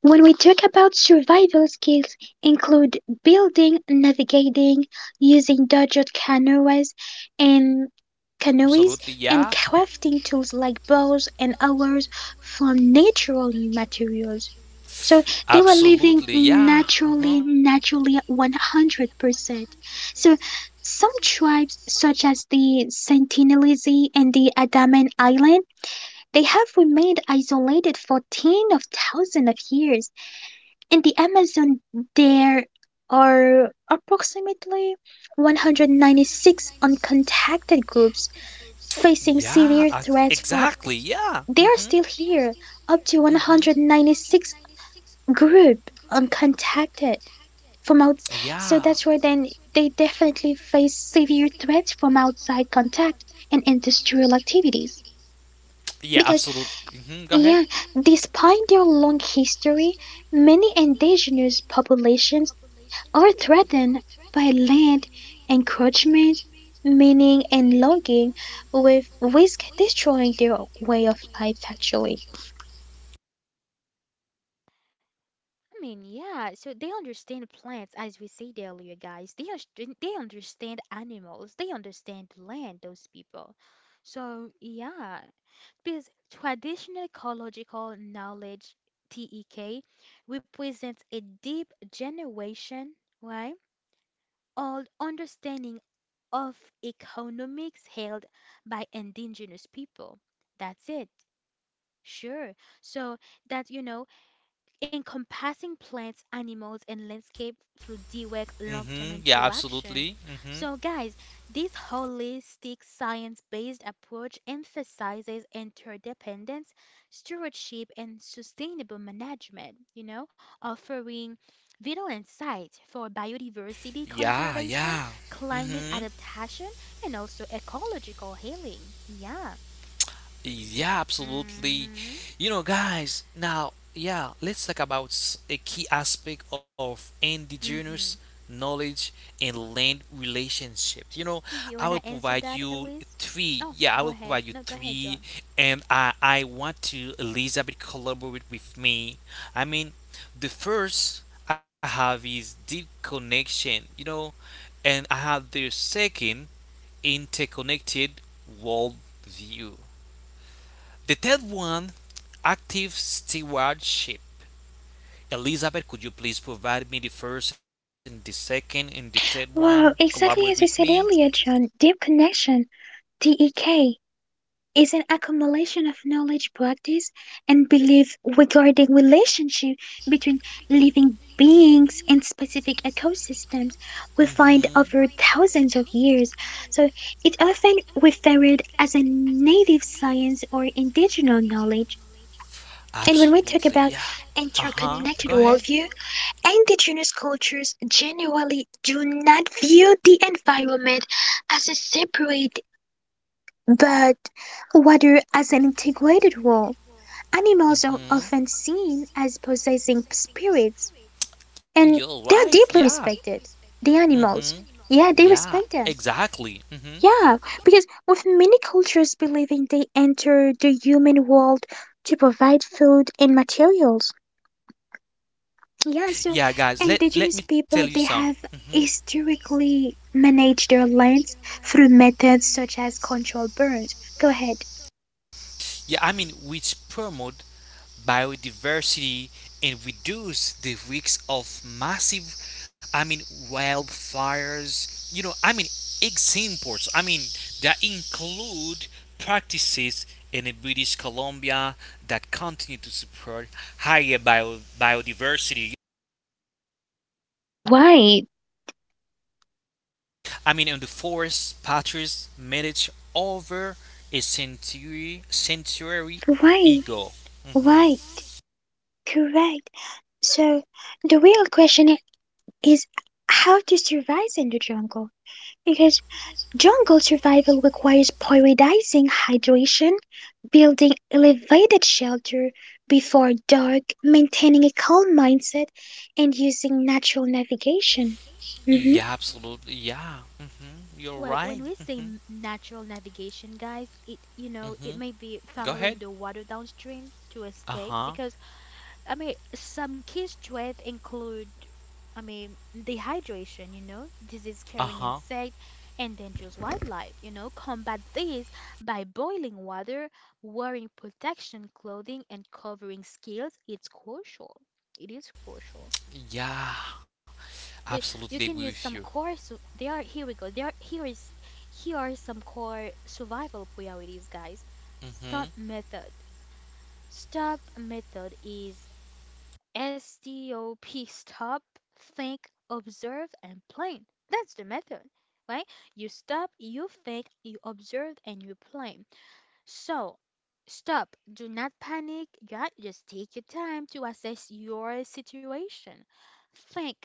C: when we talk about survival skills include building, navigating, using dodged canoes and
B: Absolutely.
C: canoes
B: Yeah.
C: and crafting tools like bows and others from natural materials. So they were living
B: Absolutely, yeah. Uh-huh.
C: naturally, naturally one hundred percent. So some tribes, such as the Sentinelese and the Andaman Island, they have remained isolated for tens of thousands of years. In the Amazon, there are approximately one hundred ninety-six uncontacted groups facing
B: Yeah, I,
C: severe threats from.
B: exactly. Yeah.
C: They are
B: Mhm.
C: still here. Up to
B: Mhm.
C: one hundred ninety-six group uncontacted from out.
B: Yeah.
C: So that's why then they definitely face severe threats from outside contact and industrial activities.
B: Yeah,
C: Because,
B: absolutely. Mhm. Go
C: yeah,
B: ahead.
C: despite their long history, many indigenous populations are threatened by land encroachment, mining, and logging, with risk destroying their way of life actually.
A: I mean, yeah, so they understand plants, as we said earlier, guys. They are, they understand animals. They understand land, those people. So yeah, because traditional ecological knowledge, T E K, represents a deep generation, right, old understanding of economics held by indigenous people. That's it. Sure. So that, you know, encompassing plants, animals, and landscape through D W E C long-term
B: Mhm. Yeah,
A: interaction.
B: absolutely. Mhm.
A: So, guys, this holistic science-based approach emphasizes interdependence, stewardship, and sustainable management, you know, offering vital insights for biodiversity
B: Yeah,
A: conservation,
B: yeah.
A: climate
B: Mhm.
A: adaptation, and also ecological healing. Yeah.
B: Yeah, absolutely.
A: Mm-hmm.
B: You know, guys, now, yeah, let's talk about s- a key aspect of indigenous
A: Mm-hmm.
B: knowledge and land relationship. You know, I
A: You
B: will
A: wanna answer
B: provide
A: that,
B: you
A: Elise?
B: three.
A: Oh,
B: Yeah, I
A: go
B: will
A: ahead.
B: provide you
A: No, go ahead,
B: three,
A: John.
B: and I I want to Elizabeth collaborate with me. I mean, the first I have is deep connection. You know, and I have the second interconnected world view, the third one, active stewardship. Elizabeth, could you please provide me the first and the second and the third one?
C: Well,
B: Collaborate with
C: exactly as we
B: me.
C: said earlier, John. Deep connection, D E K, is an accumulation of knowledge, practice, and belief regarding relationship between living beings and specific ecosystems we
B: hmm
C: find over thousands of years. So it's often referred as a native science or indigenous knowledge. And when we talk
B: Absolutely,
C: about
B: yeah. Uh huh.
C: interconnected
B: Go ahead.
C: worldview, indigenous cultures generally do not view the environment as a separate but whether as an integrated whole, animals are
B: hmm
C: often seen as possessing spirits, and
B: You're
C: they are
B: right.
C: deeply
B: Yeah.
C: respected. The
B: Mm-hmm.
C: animals, yeah, they
B: Yeah.
C: respect them.
B: Exactly. Mm-hmm.
C: Yeah, because with many cultures believing they enter the human world to provide food and materials. Yeah, so
B: Yeah, guys. Let
C: indigenous
B: Let me tell
C: people
B: you
C: they
B: some.
C: have
B: Mm-hmm.
C: historically managed their lands through methods such as controlled burns. Go ahead.
B: Yeah. I mean, which promote biodiversity and reduce the risks of massive, I mean, wildfires. You know, I mean, examples. I mean, that include practices in the British Columbia that continue to support higher bio, biodiversity.
C: Right,
B: I mean, on the forest, Patrice managed over a century, century
C: right.
B: ago.
C: Why? Correct. So the real question i- is how to survive in the jungle. Because jungle survival requires prioritizing hydration, building elevated shelter before dark, maintaining a calm mindset, and using natural navigation.
B: Yeah, absolutely. Yeah. hmm You're
A: Well,
B: right.
A: when we say
B: hmm
A: m- natural navigation, guys, it, you know,
B: hmm
A: it may be
B: Go ahead.
A: following the water downstream to
B: Uh
A: escape
B: huh.
A: because I mean some key strengths include, I mean dehydration, you know,
B: Uh
A: disease-carrying
B: huh.
A: insect and dangerous wildlife. You know, combat these by boiling water, wearing protection clothing, and covering skills. It's crucial. It is crucial.
B: Yeah.
A: But you
B: Absolutely
A: can
B: agree
A: use
B: with
A: some
B: you.
A: core. So they are here we go. There are here is here are some core survival priorities, guys. Stop
B: hmm
A: method. Stop method is STOP. Stop, think, observe, and plan. That's the method, right? You stop, you think, you observe, and you plan. So, stop. Do not panic. Yeah, just take your time to assess your situation. Think,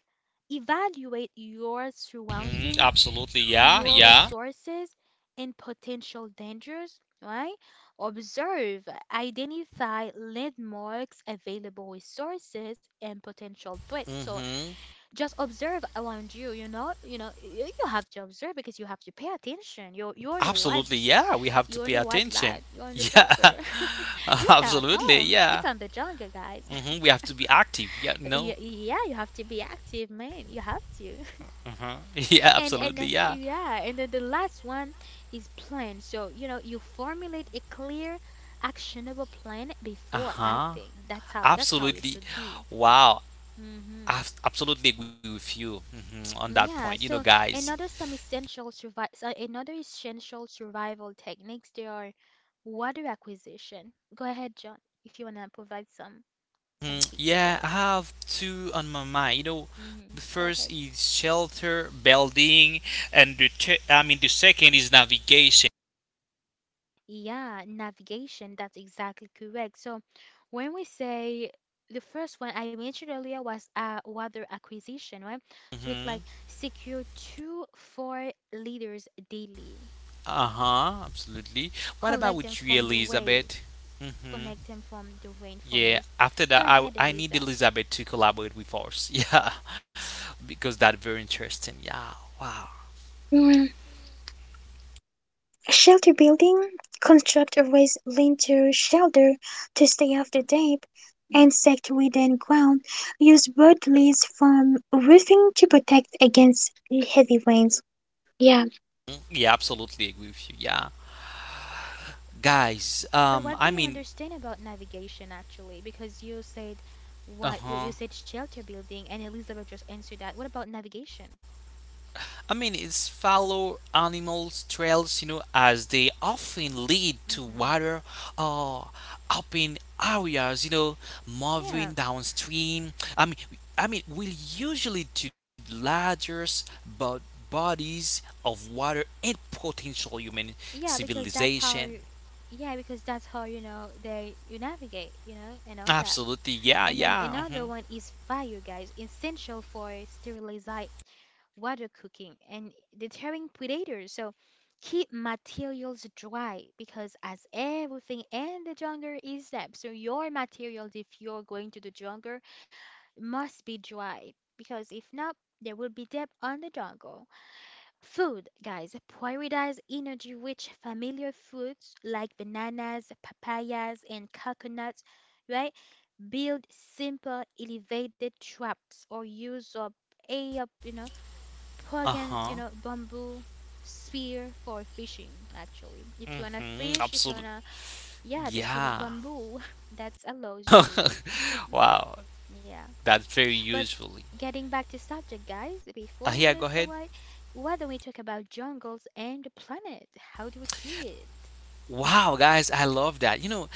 A: evaluate your
B: hmm
A: surrounding,
B: Absolutely. Yeah.
A: your
B: Yeah.
A: resources, and potential dangers, right? Observe, identify landmarks, available resources, and potential threats. So,
B: hmm
A: just observe around you, you know, you know, y- you have to observe because you have to pay attention. You're you're in a wide.
B: Absolutely. Yeah. We have to
A: You're in
B: pay
A: a
B: attention.
A: wildlife. You're in the
B: Yeah.
A: jungle. You're not at
B: Absolutely.
A: home. It's
B: Yeah.
A: it's on the jungle, guys.
B: hmm We have to be active. Yeah.
A: Yeah,
B: No.
A: yeah, you have to be active, man. You have to.
B: Yeah.
A: And and
B: Absolutely.
A: uh,
B: Yeah.
A: yeah, and then the last one is plan. So, you know, you formulate a clear, actionable plan before
B: Uh-huh.
A: acting. That's how that's how you
B: Absolutely.
A: should be.
B: Wow.
A: Hmm
B: I absolutely agree with you, mhm, on that
A: Yeah,
B: point. You know,
A: so
B: guys.
A: another some essential survival another essential survival techniques they are water acquisition. Go ahead, John, if you wanna provide some. some
B: Mhm.
A: key
B: Yeah, I
A: details.
B: have two on my mind. You know,
A: Mm-hmm.
B: the
A: Go
B: first
A: ahead.
B: is shelter building, and the te- I mean the second is navigation.
A: Yeah, navigation, that's exactly correct. So when we say the first one I mentioned earlier was uh, water acquisition, right? So it's
B: hmm
A: like secure two, four liters daily.
B: Uh-huh. Absolutely. What about
A: Collect them
B: with you,
A: from the whale.
B: Elizabeth? hmm
A: Connect them from the rain from
B: Yeah.
A: Liz.
B: After
A: Go
B: that, I
A: ahead,
B: I need
A: Eliza.
B: Elizabeth to collaborate with us. Yeah, because that very interesting. Yeah. Wow.
C: Mm-hmm. Shelter building. Constructors lean to shelter to stay off the damp, insect within ground. Use bird leaves from roofing to protect against heavy rains. Yeah.
B: Mm. Yeah, absolutely agree with you. Yeah. Guys,
A: But what do
B: um
A: you
B: I mean,
A: understand about navigation actually? Because you said what you said
B: uh-huh,
A: shelter building, and Elizabeth just answered that. What about navigation?
B: I mean it's follow animals trails, you know, as they often lead to
A: Mm-hmm.
B: water or open areas, you know,
A: Yeah,
B: moving downstream. i mean I mean will usually to larger but bodies of water and potential human
A: yeah, because that's how
B: civilization.
A: you, yeah, because that's how, you know, they, you navigate, you know, and all that.
B: Absolutely. Yeah,
A: And then
B: yeah, uh-huh,
A: another one is fire, guys, essential for sterilizing water cooking and deterring predators. So keep materials dry because as everything in the jungle is damp, so your materials, if you're going to the jungle, must be dry because if not, there will be damp on the jungle. Food, guys, prioritize energy rich familiar foods like bananas, papayas, and coconuts, right? Build simple elevated traps or use up a, up, you know, pagan,
B: uh-huh,
A: you know, bamboo spear for fishing, actually. If you wanna
B: mm-hmm,
A: fish, if you
B: absolutely,
A: wanna, yeah, just use
B: yeah.
A: bamboo. That allows you to,
B: Wow.
A: yeah.
B: That's very
A: But
B: usefully.
A: getting back to subject, guys,
B: Uh, yeah,
A: before we
B: go
A: move
B: ahead.
A: forward, why don't we talk about jungles and the planet? How do we see it?
B: Wow, guys, I love that. You know,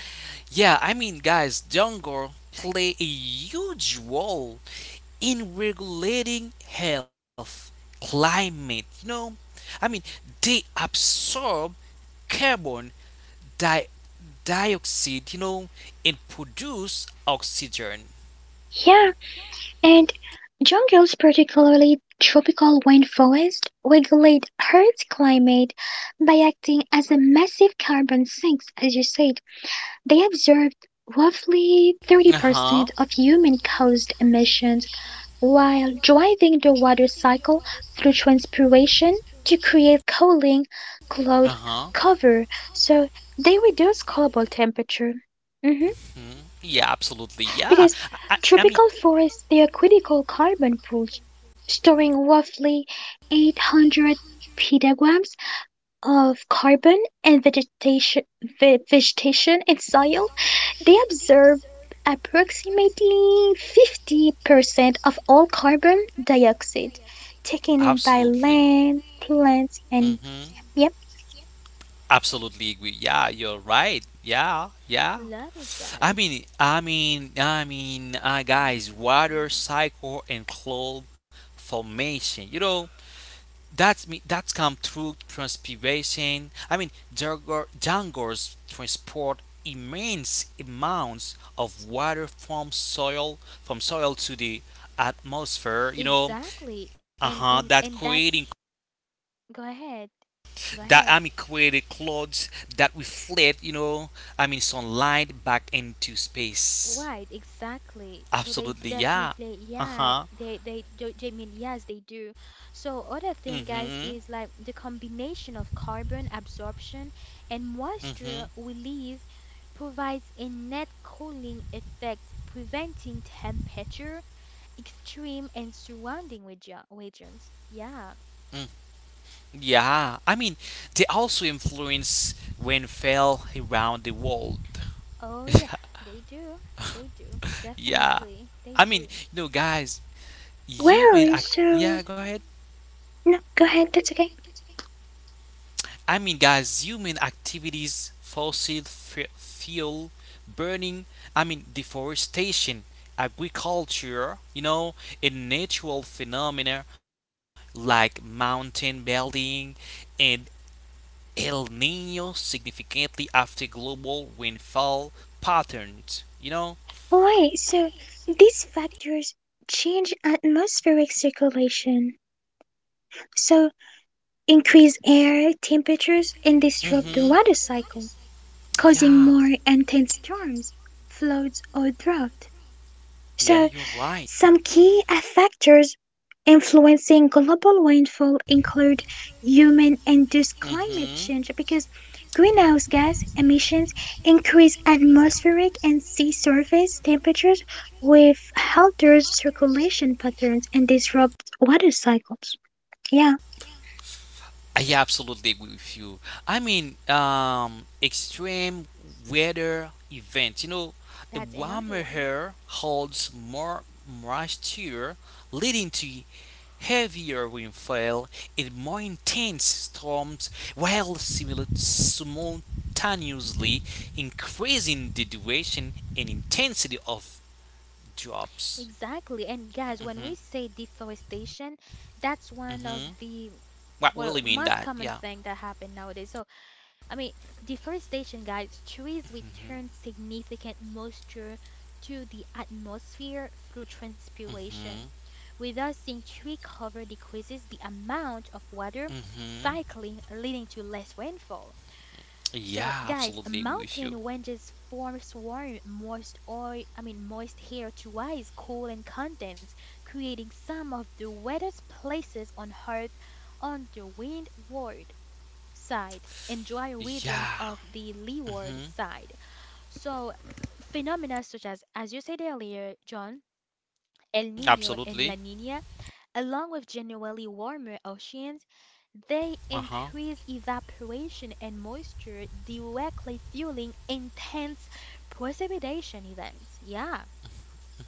B: yeah, I mean, guys, Dongor play a huge role in regulating health, climate. You know, I mean, they absorb carbon di- dioxide. You know, and produce oxygen.
C: Yeah, and jungles, particularly tropical rainforest, regulate Earth's climate by acting as a massive carbon sinks, as you said. They absorb roughly
B: Uh
C: thirty percent
B: huh.
C: of human caused emissions, while driving the water cycle through transpiration to create cooling
B: Uh
C: cloud
B: huh.
C: cover. So they reduce global temperature. Mhm.
B: Hmm. Yeah, absolutely. Yeah.
C: Because
B: I, I I mean,
C: tropical forests, they are critical carbon pools, storing roughly eight hundred petagrams of carbon and vegetation, ve- vegetation in soil, they absorb approximately fifty percent of all carbon dioxide taken in by
B: absolutely.
C: land, plants, and
B: Mm-hmm.
C: yep.
B: Absolutely agree. Yeah, you're right. Yeah, yeah.
A: Love it,
B: I
A: guys.
B: mean, I mean, I mean, uh,
A: Hmm
B: guys, water
A: hmm
B: cycle and cloud formation. You know, that's me. That's come through transpiration. I mean, jungle, jungles transport immense amounts of water from soil from soil to the atmosphere. You know,
A: Exactly.
B: uh huh.
A: And and
B: That
A: and
B: creating,
A: that's go ahead. Go
B: that
A: ahead.
B: I mean created clouds that reflect. You know, I mean sunlight back into space.
A: Right, exactly. So they
B: Absolutely, yeah.
A: definitely,
B: Uh
A: yeah,
B: huh.
A: they they do. I mean, yes, they do. So other
B: Mhm.
A: thing, guys, is like the combination of carbon absorption and
B: Mhm.
A: moisture release provides a net cooling effect, preventing temperature extreme and surrounding regi- regions. Yeah.
B: Yeah, I mean, they also influence when fell around the world.
A: Oh yeah, they do. They do.
B: Yeah,
A: Definitely,
B: I
A: they
B: mean, you
A: do.
B: know, guys, human. Ac-
C: Well,
B: yeah,
C: so,
B: go ahead.
C: no, go ahead, that's okay.
B: I mean, guys, human activities, fossil f- fuel burning, I mean, deforestation, agriculture, you know, and natural phenomena like mountain building and El Nino significantly after global rainfall patterns. You know?
C: Right, so these factors change atmospheric circulation, so increase air temperatures and disrupt the
B: Mm-hmm.
C: water cycle, causing
B: Yeah.
C: more intense storms, floods, or drought.
B: Yeah,
C: So,
B: you're right.
C: some key factors influencing global rainfall include human induced climate
B: Mm-hmm.
C: change because greenhouse gas emissions increase atmospheric and sea surface temperatures, which alters circulation patterns and disrupt water cycles. Yeah.
B: I absolutely agree with you. I mean, um, extreme weather events. You know, a
A: That's another
B: warmer
A: one.
B: air holds more moisture, leading to heavier rainfall and more intense storms, while simul- simultaneously increasing the duration and intensity of drops.
A: Exactly. And guys, when we
B: hmm
A: say deforestation, that's
B: hmm
A: one of the,
B: What will you mean
A: well,
B: that?
A: most
B: Yeah.
A: common thing that happen nowadays. So, I mean, deforestation, guys, trees return significant moisture to the atmosphere through transpiration.
B: hmm
A: Without seeing tree cover decreases the amount of water
B: hmm
A: cycling, leading to less rainfall. So,
B: Yeah,
A: guys, a
B: absolutely agree with you.
A: mountain ranges form swarm moist oil, I mean moist here to ice, cool and condense, creating some of the wettest places on Earth on the windward side and dry regions
B: Yeah.
A: of the leeward
B: hmm
A: side. So, phenomena such as, as you said earlier, John, El Nino and La
B: Absolutely.
A: Nina along with generally warmer oceans, they
B: Uh huh.
A: increase evaporation and moisture, directly fueling intense precipitation events. Yeah.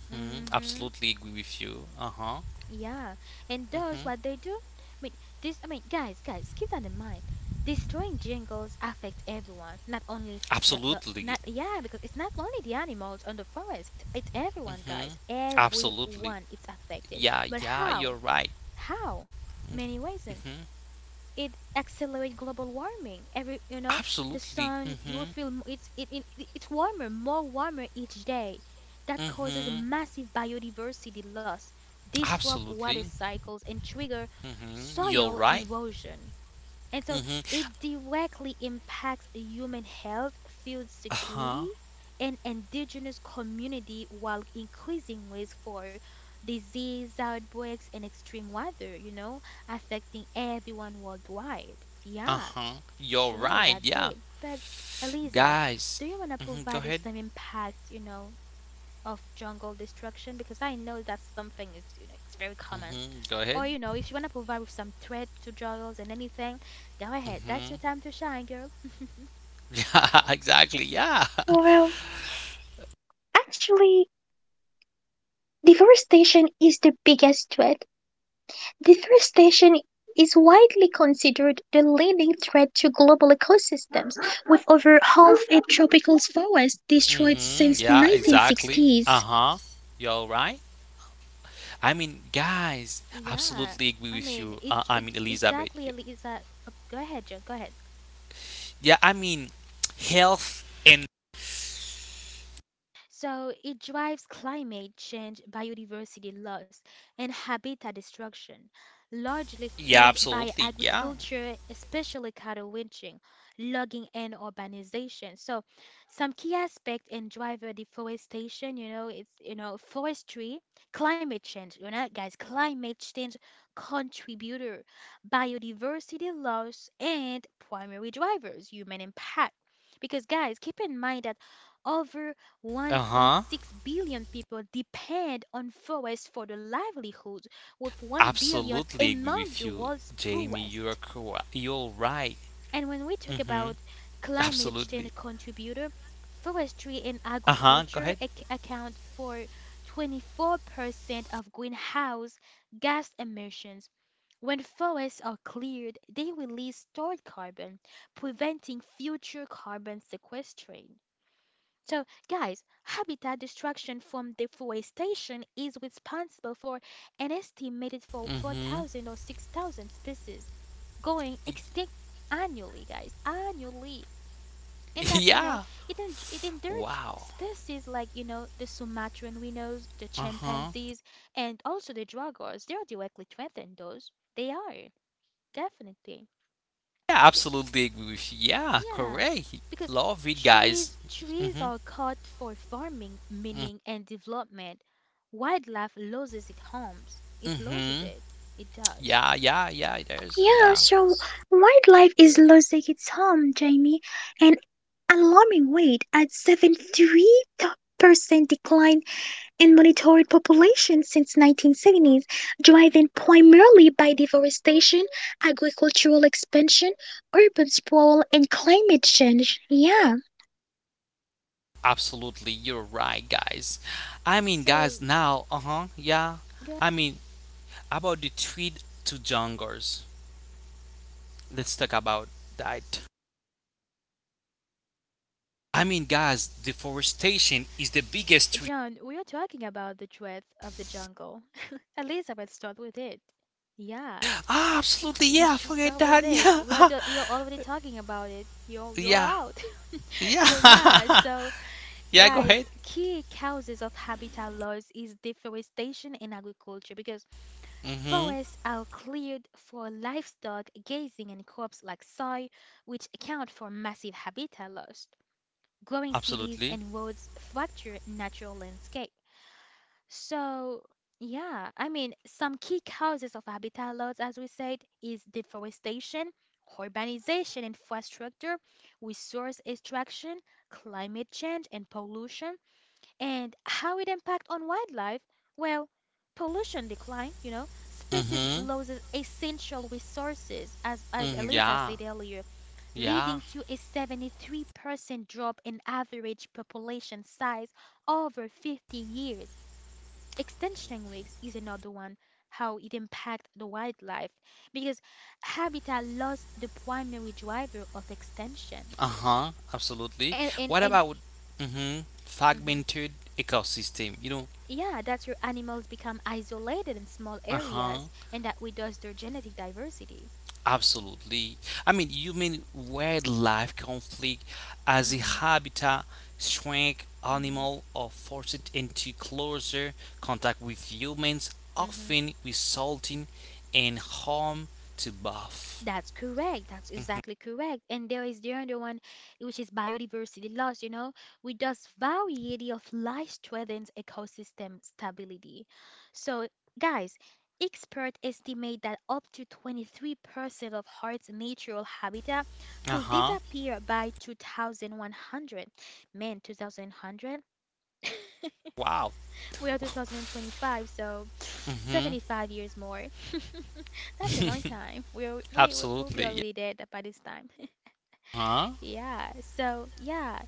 B: hmm
A: Mm-hmm.
B: Absolutely agree with you. Uh huh.
A: Yeah. And those
B: hmm
A: what they do? I mean, this, I mean, guys, guys, keep that in mind. Destroying jungles affect everyone, not only the, the
B: Absolutely.
A: not yeah, because it's not only the animals on the forest, it's, it's everyone,
B: hmm
A: guys.
B: Absolutely.
A: Everyone it's affected.
B: Yeah.
A: But
B: Yeah.
A: how?
B: You're right.
A: How? Many ways.
B: hmm
A: It accelerate global warming. Every, you know, the
B: Absolutely.
A: sun, you will
B: hmm
A: feel m- it's it, it it- it's warmer, more warmer each day. That causes
B: hmm
A: massive biodiversity loss, disrupt water
B: Absolutely.
A: cycles, and trigger
B: hmm You're
A: soil
B: right.
A: erosion. And so
B: hmm
A: it directly impacts human health, food
B: Uh
A: security,
B: huh.
A: and indigenous community while increasing risk for disease outbreaks and extreme weather, you know, affecting everyone worldwide.
B: Uh
A: Yeah,
B: huh. You're
A: sure,
B: right.
A: that's
B: Yeah.
A: it. But Eliza,
B: Guys.
A: do you want to
B: hmm Go
A: provide us
B: ahead.
A: some impact, you know, of jungle destruction because I know that's something, it's you know it's very common.
B: hmm Go
A: Or,
B: ahead.
A: you know, if you wanna provide with some threat to jungles and anything, go ahead. That's
B: hmm
A: your time to shine, girl.
B: Yeah. Exactly. Yeah.
C: Well, actually, deforestation is the biggest threat. Deforestation is widely considered the leading threat to global ecosystems, with over half a tropical forest destroyed
B: Mm-hmm.
C: since
B: Yeah, exactly.
C: nineteen sixties.
B: Uh-huh. You're right. I mean, guys,
A: Yeah,
B: absolutely agree
A: I
B: with
A: mean
B: you. Uh,
A: it.
B: I
A: It
B: mean, Elizabeth.
A: exactly,
B: Y-
A: Elisa. Uh, go ahead, Jill. Go ahead.
B: Yeah, I mean, health and
A: So it drives climate change, biodiversity loss, and habitat destruction, largely
B: yeah,
A: fueled by
B: absolutely. Yeah.
A: agriculture, especially cattle ranching, logging, and urbanization. So some key aspect and driver deforestation, you know, it's you know forestry, climate change, you know, guys, climate change contributor, biodiversity loss, and primary drivers, human impact. Because guys, keep in mind that over
B: Uh-huh.
A: one point six billion people depend on forests for their livelihood, with one billion
B: Absolutely agree
A: among
B: with
A: the
B: you,
A: world's
B: Jamie. You're
A: poorest.
B: correct. You're right.
A: And when we talk
B: Mm-hmm.
A: about climate
B: Absolutely.
A: change contributor, forestry and
B: Uh-huh. Go
A: agriculture
B: ahead.
A: ac- account for twenty-four percent of greenhouse gas emissions. When forests are cleared, they release stored carbon, preventing future carbon sequestration. So, guys, habitat destruction from deforestation is responsible for an estimated for
B: Mm-hmm.
A: four thousand or six thousand species going extinct annually, guys, annually. And that, you know,
B: Yeah.
A: it, en- it endangers
B: Wow.
A: species like, you know, the Sumatran rhinos, the
B: Uh-huh.
A: chimpanzees, and also the jaguars. They are directly threatened, those. They are, definitely.
B: Yeah, absolutely agree with you. Yeah,
A: Yeah,
B: correct.
A: because
B: Love it,
A: trees
B: guys.
A: trees
B: Mm-hmm.
A: are cut for farming,
B: Mm-hmm.
A: mining, and development. Wildlife loses its homes. It loses
B: Mm-hmm.
A: it. It does.
B: Yeah, yeah, yeah, there's,
C: Yeah,
B: yeah.
C: so wildlife is losing its home, Jamie, an alarming rate at seventy-three percent decline and monitored population since nineteen seventies, driven primarily by deforestation, agricultural expansion, urban sprawl, and climate change. Yeah.
B: Absolutely, you're right, guys. I mean,
A: So,
B: guys, now, uh huh, yeah.
A: yeah,
B: I mean, about the tweet to jungles, let's talk about that. I mean, guys, deforestation is the biggest tweet.
A: John, we are talking about the dread of the jungle. Elizabeth, start with it. Yeah,
B: Ah, absolutely,
A: you
B: yeah, I
A: should
B: forget
A: start with
B: that,
A: it.
B: yeah,
A: We are do we are already talking about it. You're you're
B: yeah,
A: out. So yeah,
B: yeah,
A: so
B: yeah, go
A: guys,
B: ahead.
A: key causes of habitat loss is deforestation and agriculture because
B: Mm hmm,
A: forests are cleared for livestock grazing and crops like soy, which account for massive habitat loss. Growing cities
B: absolutely.
A: and roads fracture natural landscape. So, yeah, I mean, some key causes of habitat loss, as we said, is deforestation, urbanization, infrastructure, resource extraction, climate change, and pollution. And how it impact on wildlife? Well, pollution decline, you know, species
B: Mm
A: loses essential resources, as,
B: hmm,
A: as
B: mm,
A: Eliza
B: yeah,
A: said earlier,
B: yeah.
A: leading to a seventy-three percent drop in average population size over fifty years. Extinction risks is another one, how it impact the wildlife, because habitat loss the primary driver of extinction.
B: Uh-huh, absolutely.
A: And, and,
B: What
A: and,
B: about mm-hmm,
A: mm-hmm.
B: fragmented ecosystem? You know,
A: Yeah, that's your animals become isolated in small
B: uh-huh,
A: areas, and that reduces their genetic diversity.
B: absolutely. I mean, human wildlife conflict as a
A: Mm-hmm,
B: habitat shrink
A: mm-hmm,
B: animal are forced into closer contact with humans,
A: mm-hmm.
B: often resulting in harm to both.
A: That's correct. That's
B: Mm-hmm.
A: exactly correct. And there is the other one, which is biodiversity loss, you know, with those variety of life threatens ecosystem stability. So, guys, experts estimate that up to twenty-three percent of Earth's natural habitat could
B: Uh-huh.
A: disappear by two thousand one hundred. Man, two thousand one hundred?
B: Wow.
A: We are two thousand twenty-five, so
B: Mm-hmm.
A: seventy-five years more. That's a long time. We're, we we- will be
B: Absolutely. Yeah.
A: already dead by this time.
B: huh
A: Yeah. So yeah,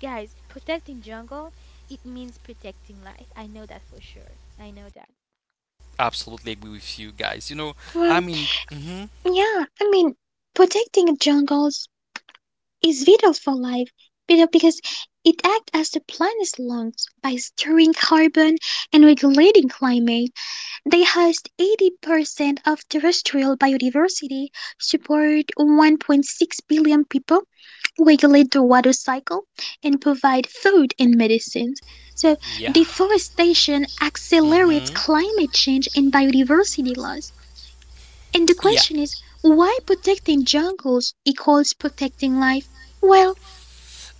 A: guys, protecting jungle it means protecting life. I know that for sure. I know.
B: Absolutely agree with you guys. You know, I
C: Well,
B: mean, hmm
C: yeah, I mean, protecting jungles is vital for life, you know, because it acts as the planet's lungs by storing carbon and regulating climate. They host eighty percent of terrestrial biodiversity, support one point six billion people, regulate the water cycle, and provide food and medicines. So,
B: yeah.
C: deforestation accelerates
B: hmm
C: climate change and biodiversity loss. And the
B: Yeah.
C: question is, why protecting jungles equals protecting life? Well,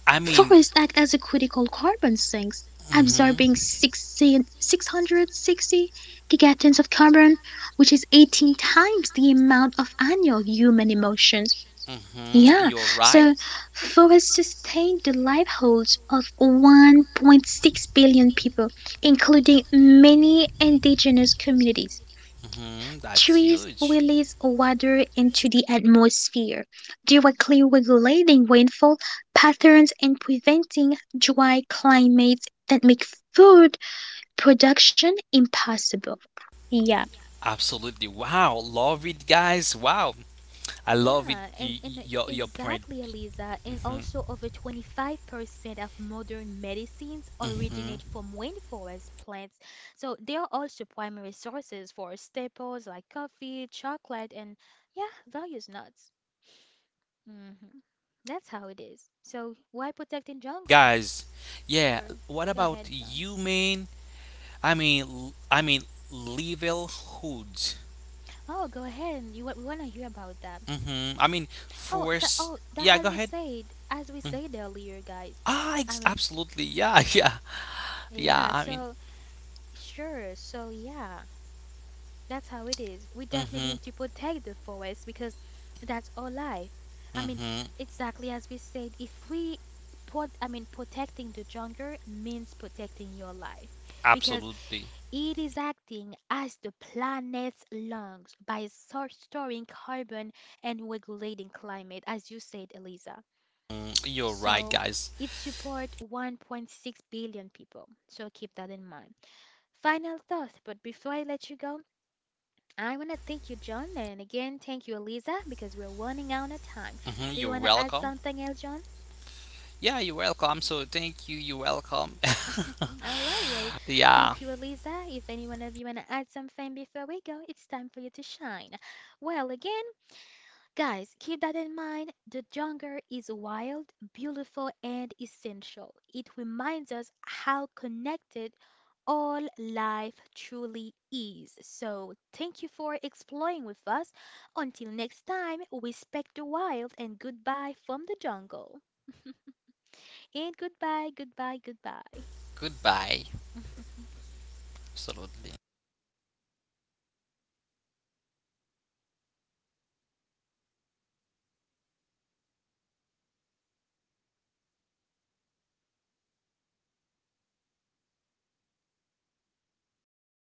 B: I mean,
C: forests act as a critical carbon sinks,
B: mhm.
C: absorbing 16 660 gigatons of carbon, which is eighteen times the amount of annual human emissions.
B: Mhm.
C: Yeah,
B: You're right.
C: so for a sustained the livelihoods of one point six billion people, including many indigenous communities,
B: Mhm. That's
C: trees
B: huge.
C: release water into the atmosphere, directly regulating rainfall patterns and preventing dry climates that make food production impossible. Yeah.
B: Absolutely. Wow. Love it, guys. Wow. I love it.
A: Yeah, and,
B: Y- y-
A: and uh,
B: your your point.
A: exactly, Eliza. And
B: hmm
A: also, over twenty-five percent of modern medicines originate
B: hmm
A: from rainforest plants. So, they are also primary sources for staples like coffee, chocolate, and yeah, various nuts. Hmm That's how it is. So, why protecting jungle?
B: Guys, yeah.
A: Sure.
B: What
A: Go
B: about
A: ahead, John.
B: you, man? I mean, l- I mean, level hoods.
A: Oh, go ahead. You wa- we want to hear about that.
B: hmm I mean,
A: Oh, so
B: force.
A: oh, that
B: Yeah, go
A: as we
B: ahead.
A: said, as we said earlier, guys.
B: Ah,
A: I
B: ex-
A: mean,
B: absolutely. Yeah, yeah, yeah.
A: yeah.
B: I mean,
A: So sure. So yeah, that's how it is. We definitely
B: hmm
A: need to protect the forest because that's our life. I mean,
B: hmm
A: exactly as we said, if we put, I mean, protecting the jungle means protecting your life because
B: absolutely.
A: it is acting as the planet's lungs by stor- storing carbon and regulating climate, as you said, Eliza.
B: Mm, you're right,
A: So
B: guys.
A: it supports one point six billion people. So keep that in mind. Final thought, but before I let you go, I want to thank you, John, and again, thank you, Eliza, because we're running out of time.
B: hmm
A: Do you
B: You're
A: want to add
B: welcome.
A: something else, John?
B: Yeah, you're welcome. So thank you. You're welcome.
A: All right, well,
B: Yeah.
A: thank you, Eliza. If any one of you want to add something before we go, it's time for you to shine. Well, again, guys, keep that in mind. The jungle is wild, beautiful, and essential. It reminds us how connected all life truly is. So, thank you for exploring with us. Until next time, respect the wild and goodbye from the jungle. And goodbye, goodbye, goodbye.
B: Goodbye. Absolutely.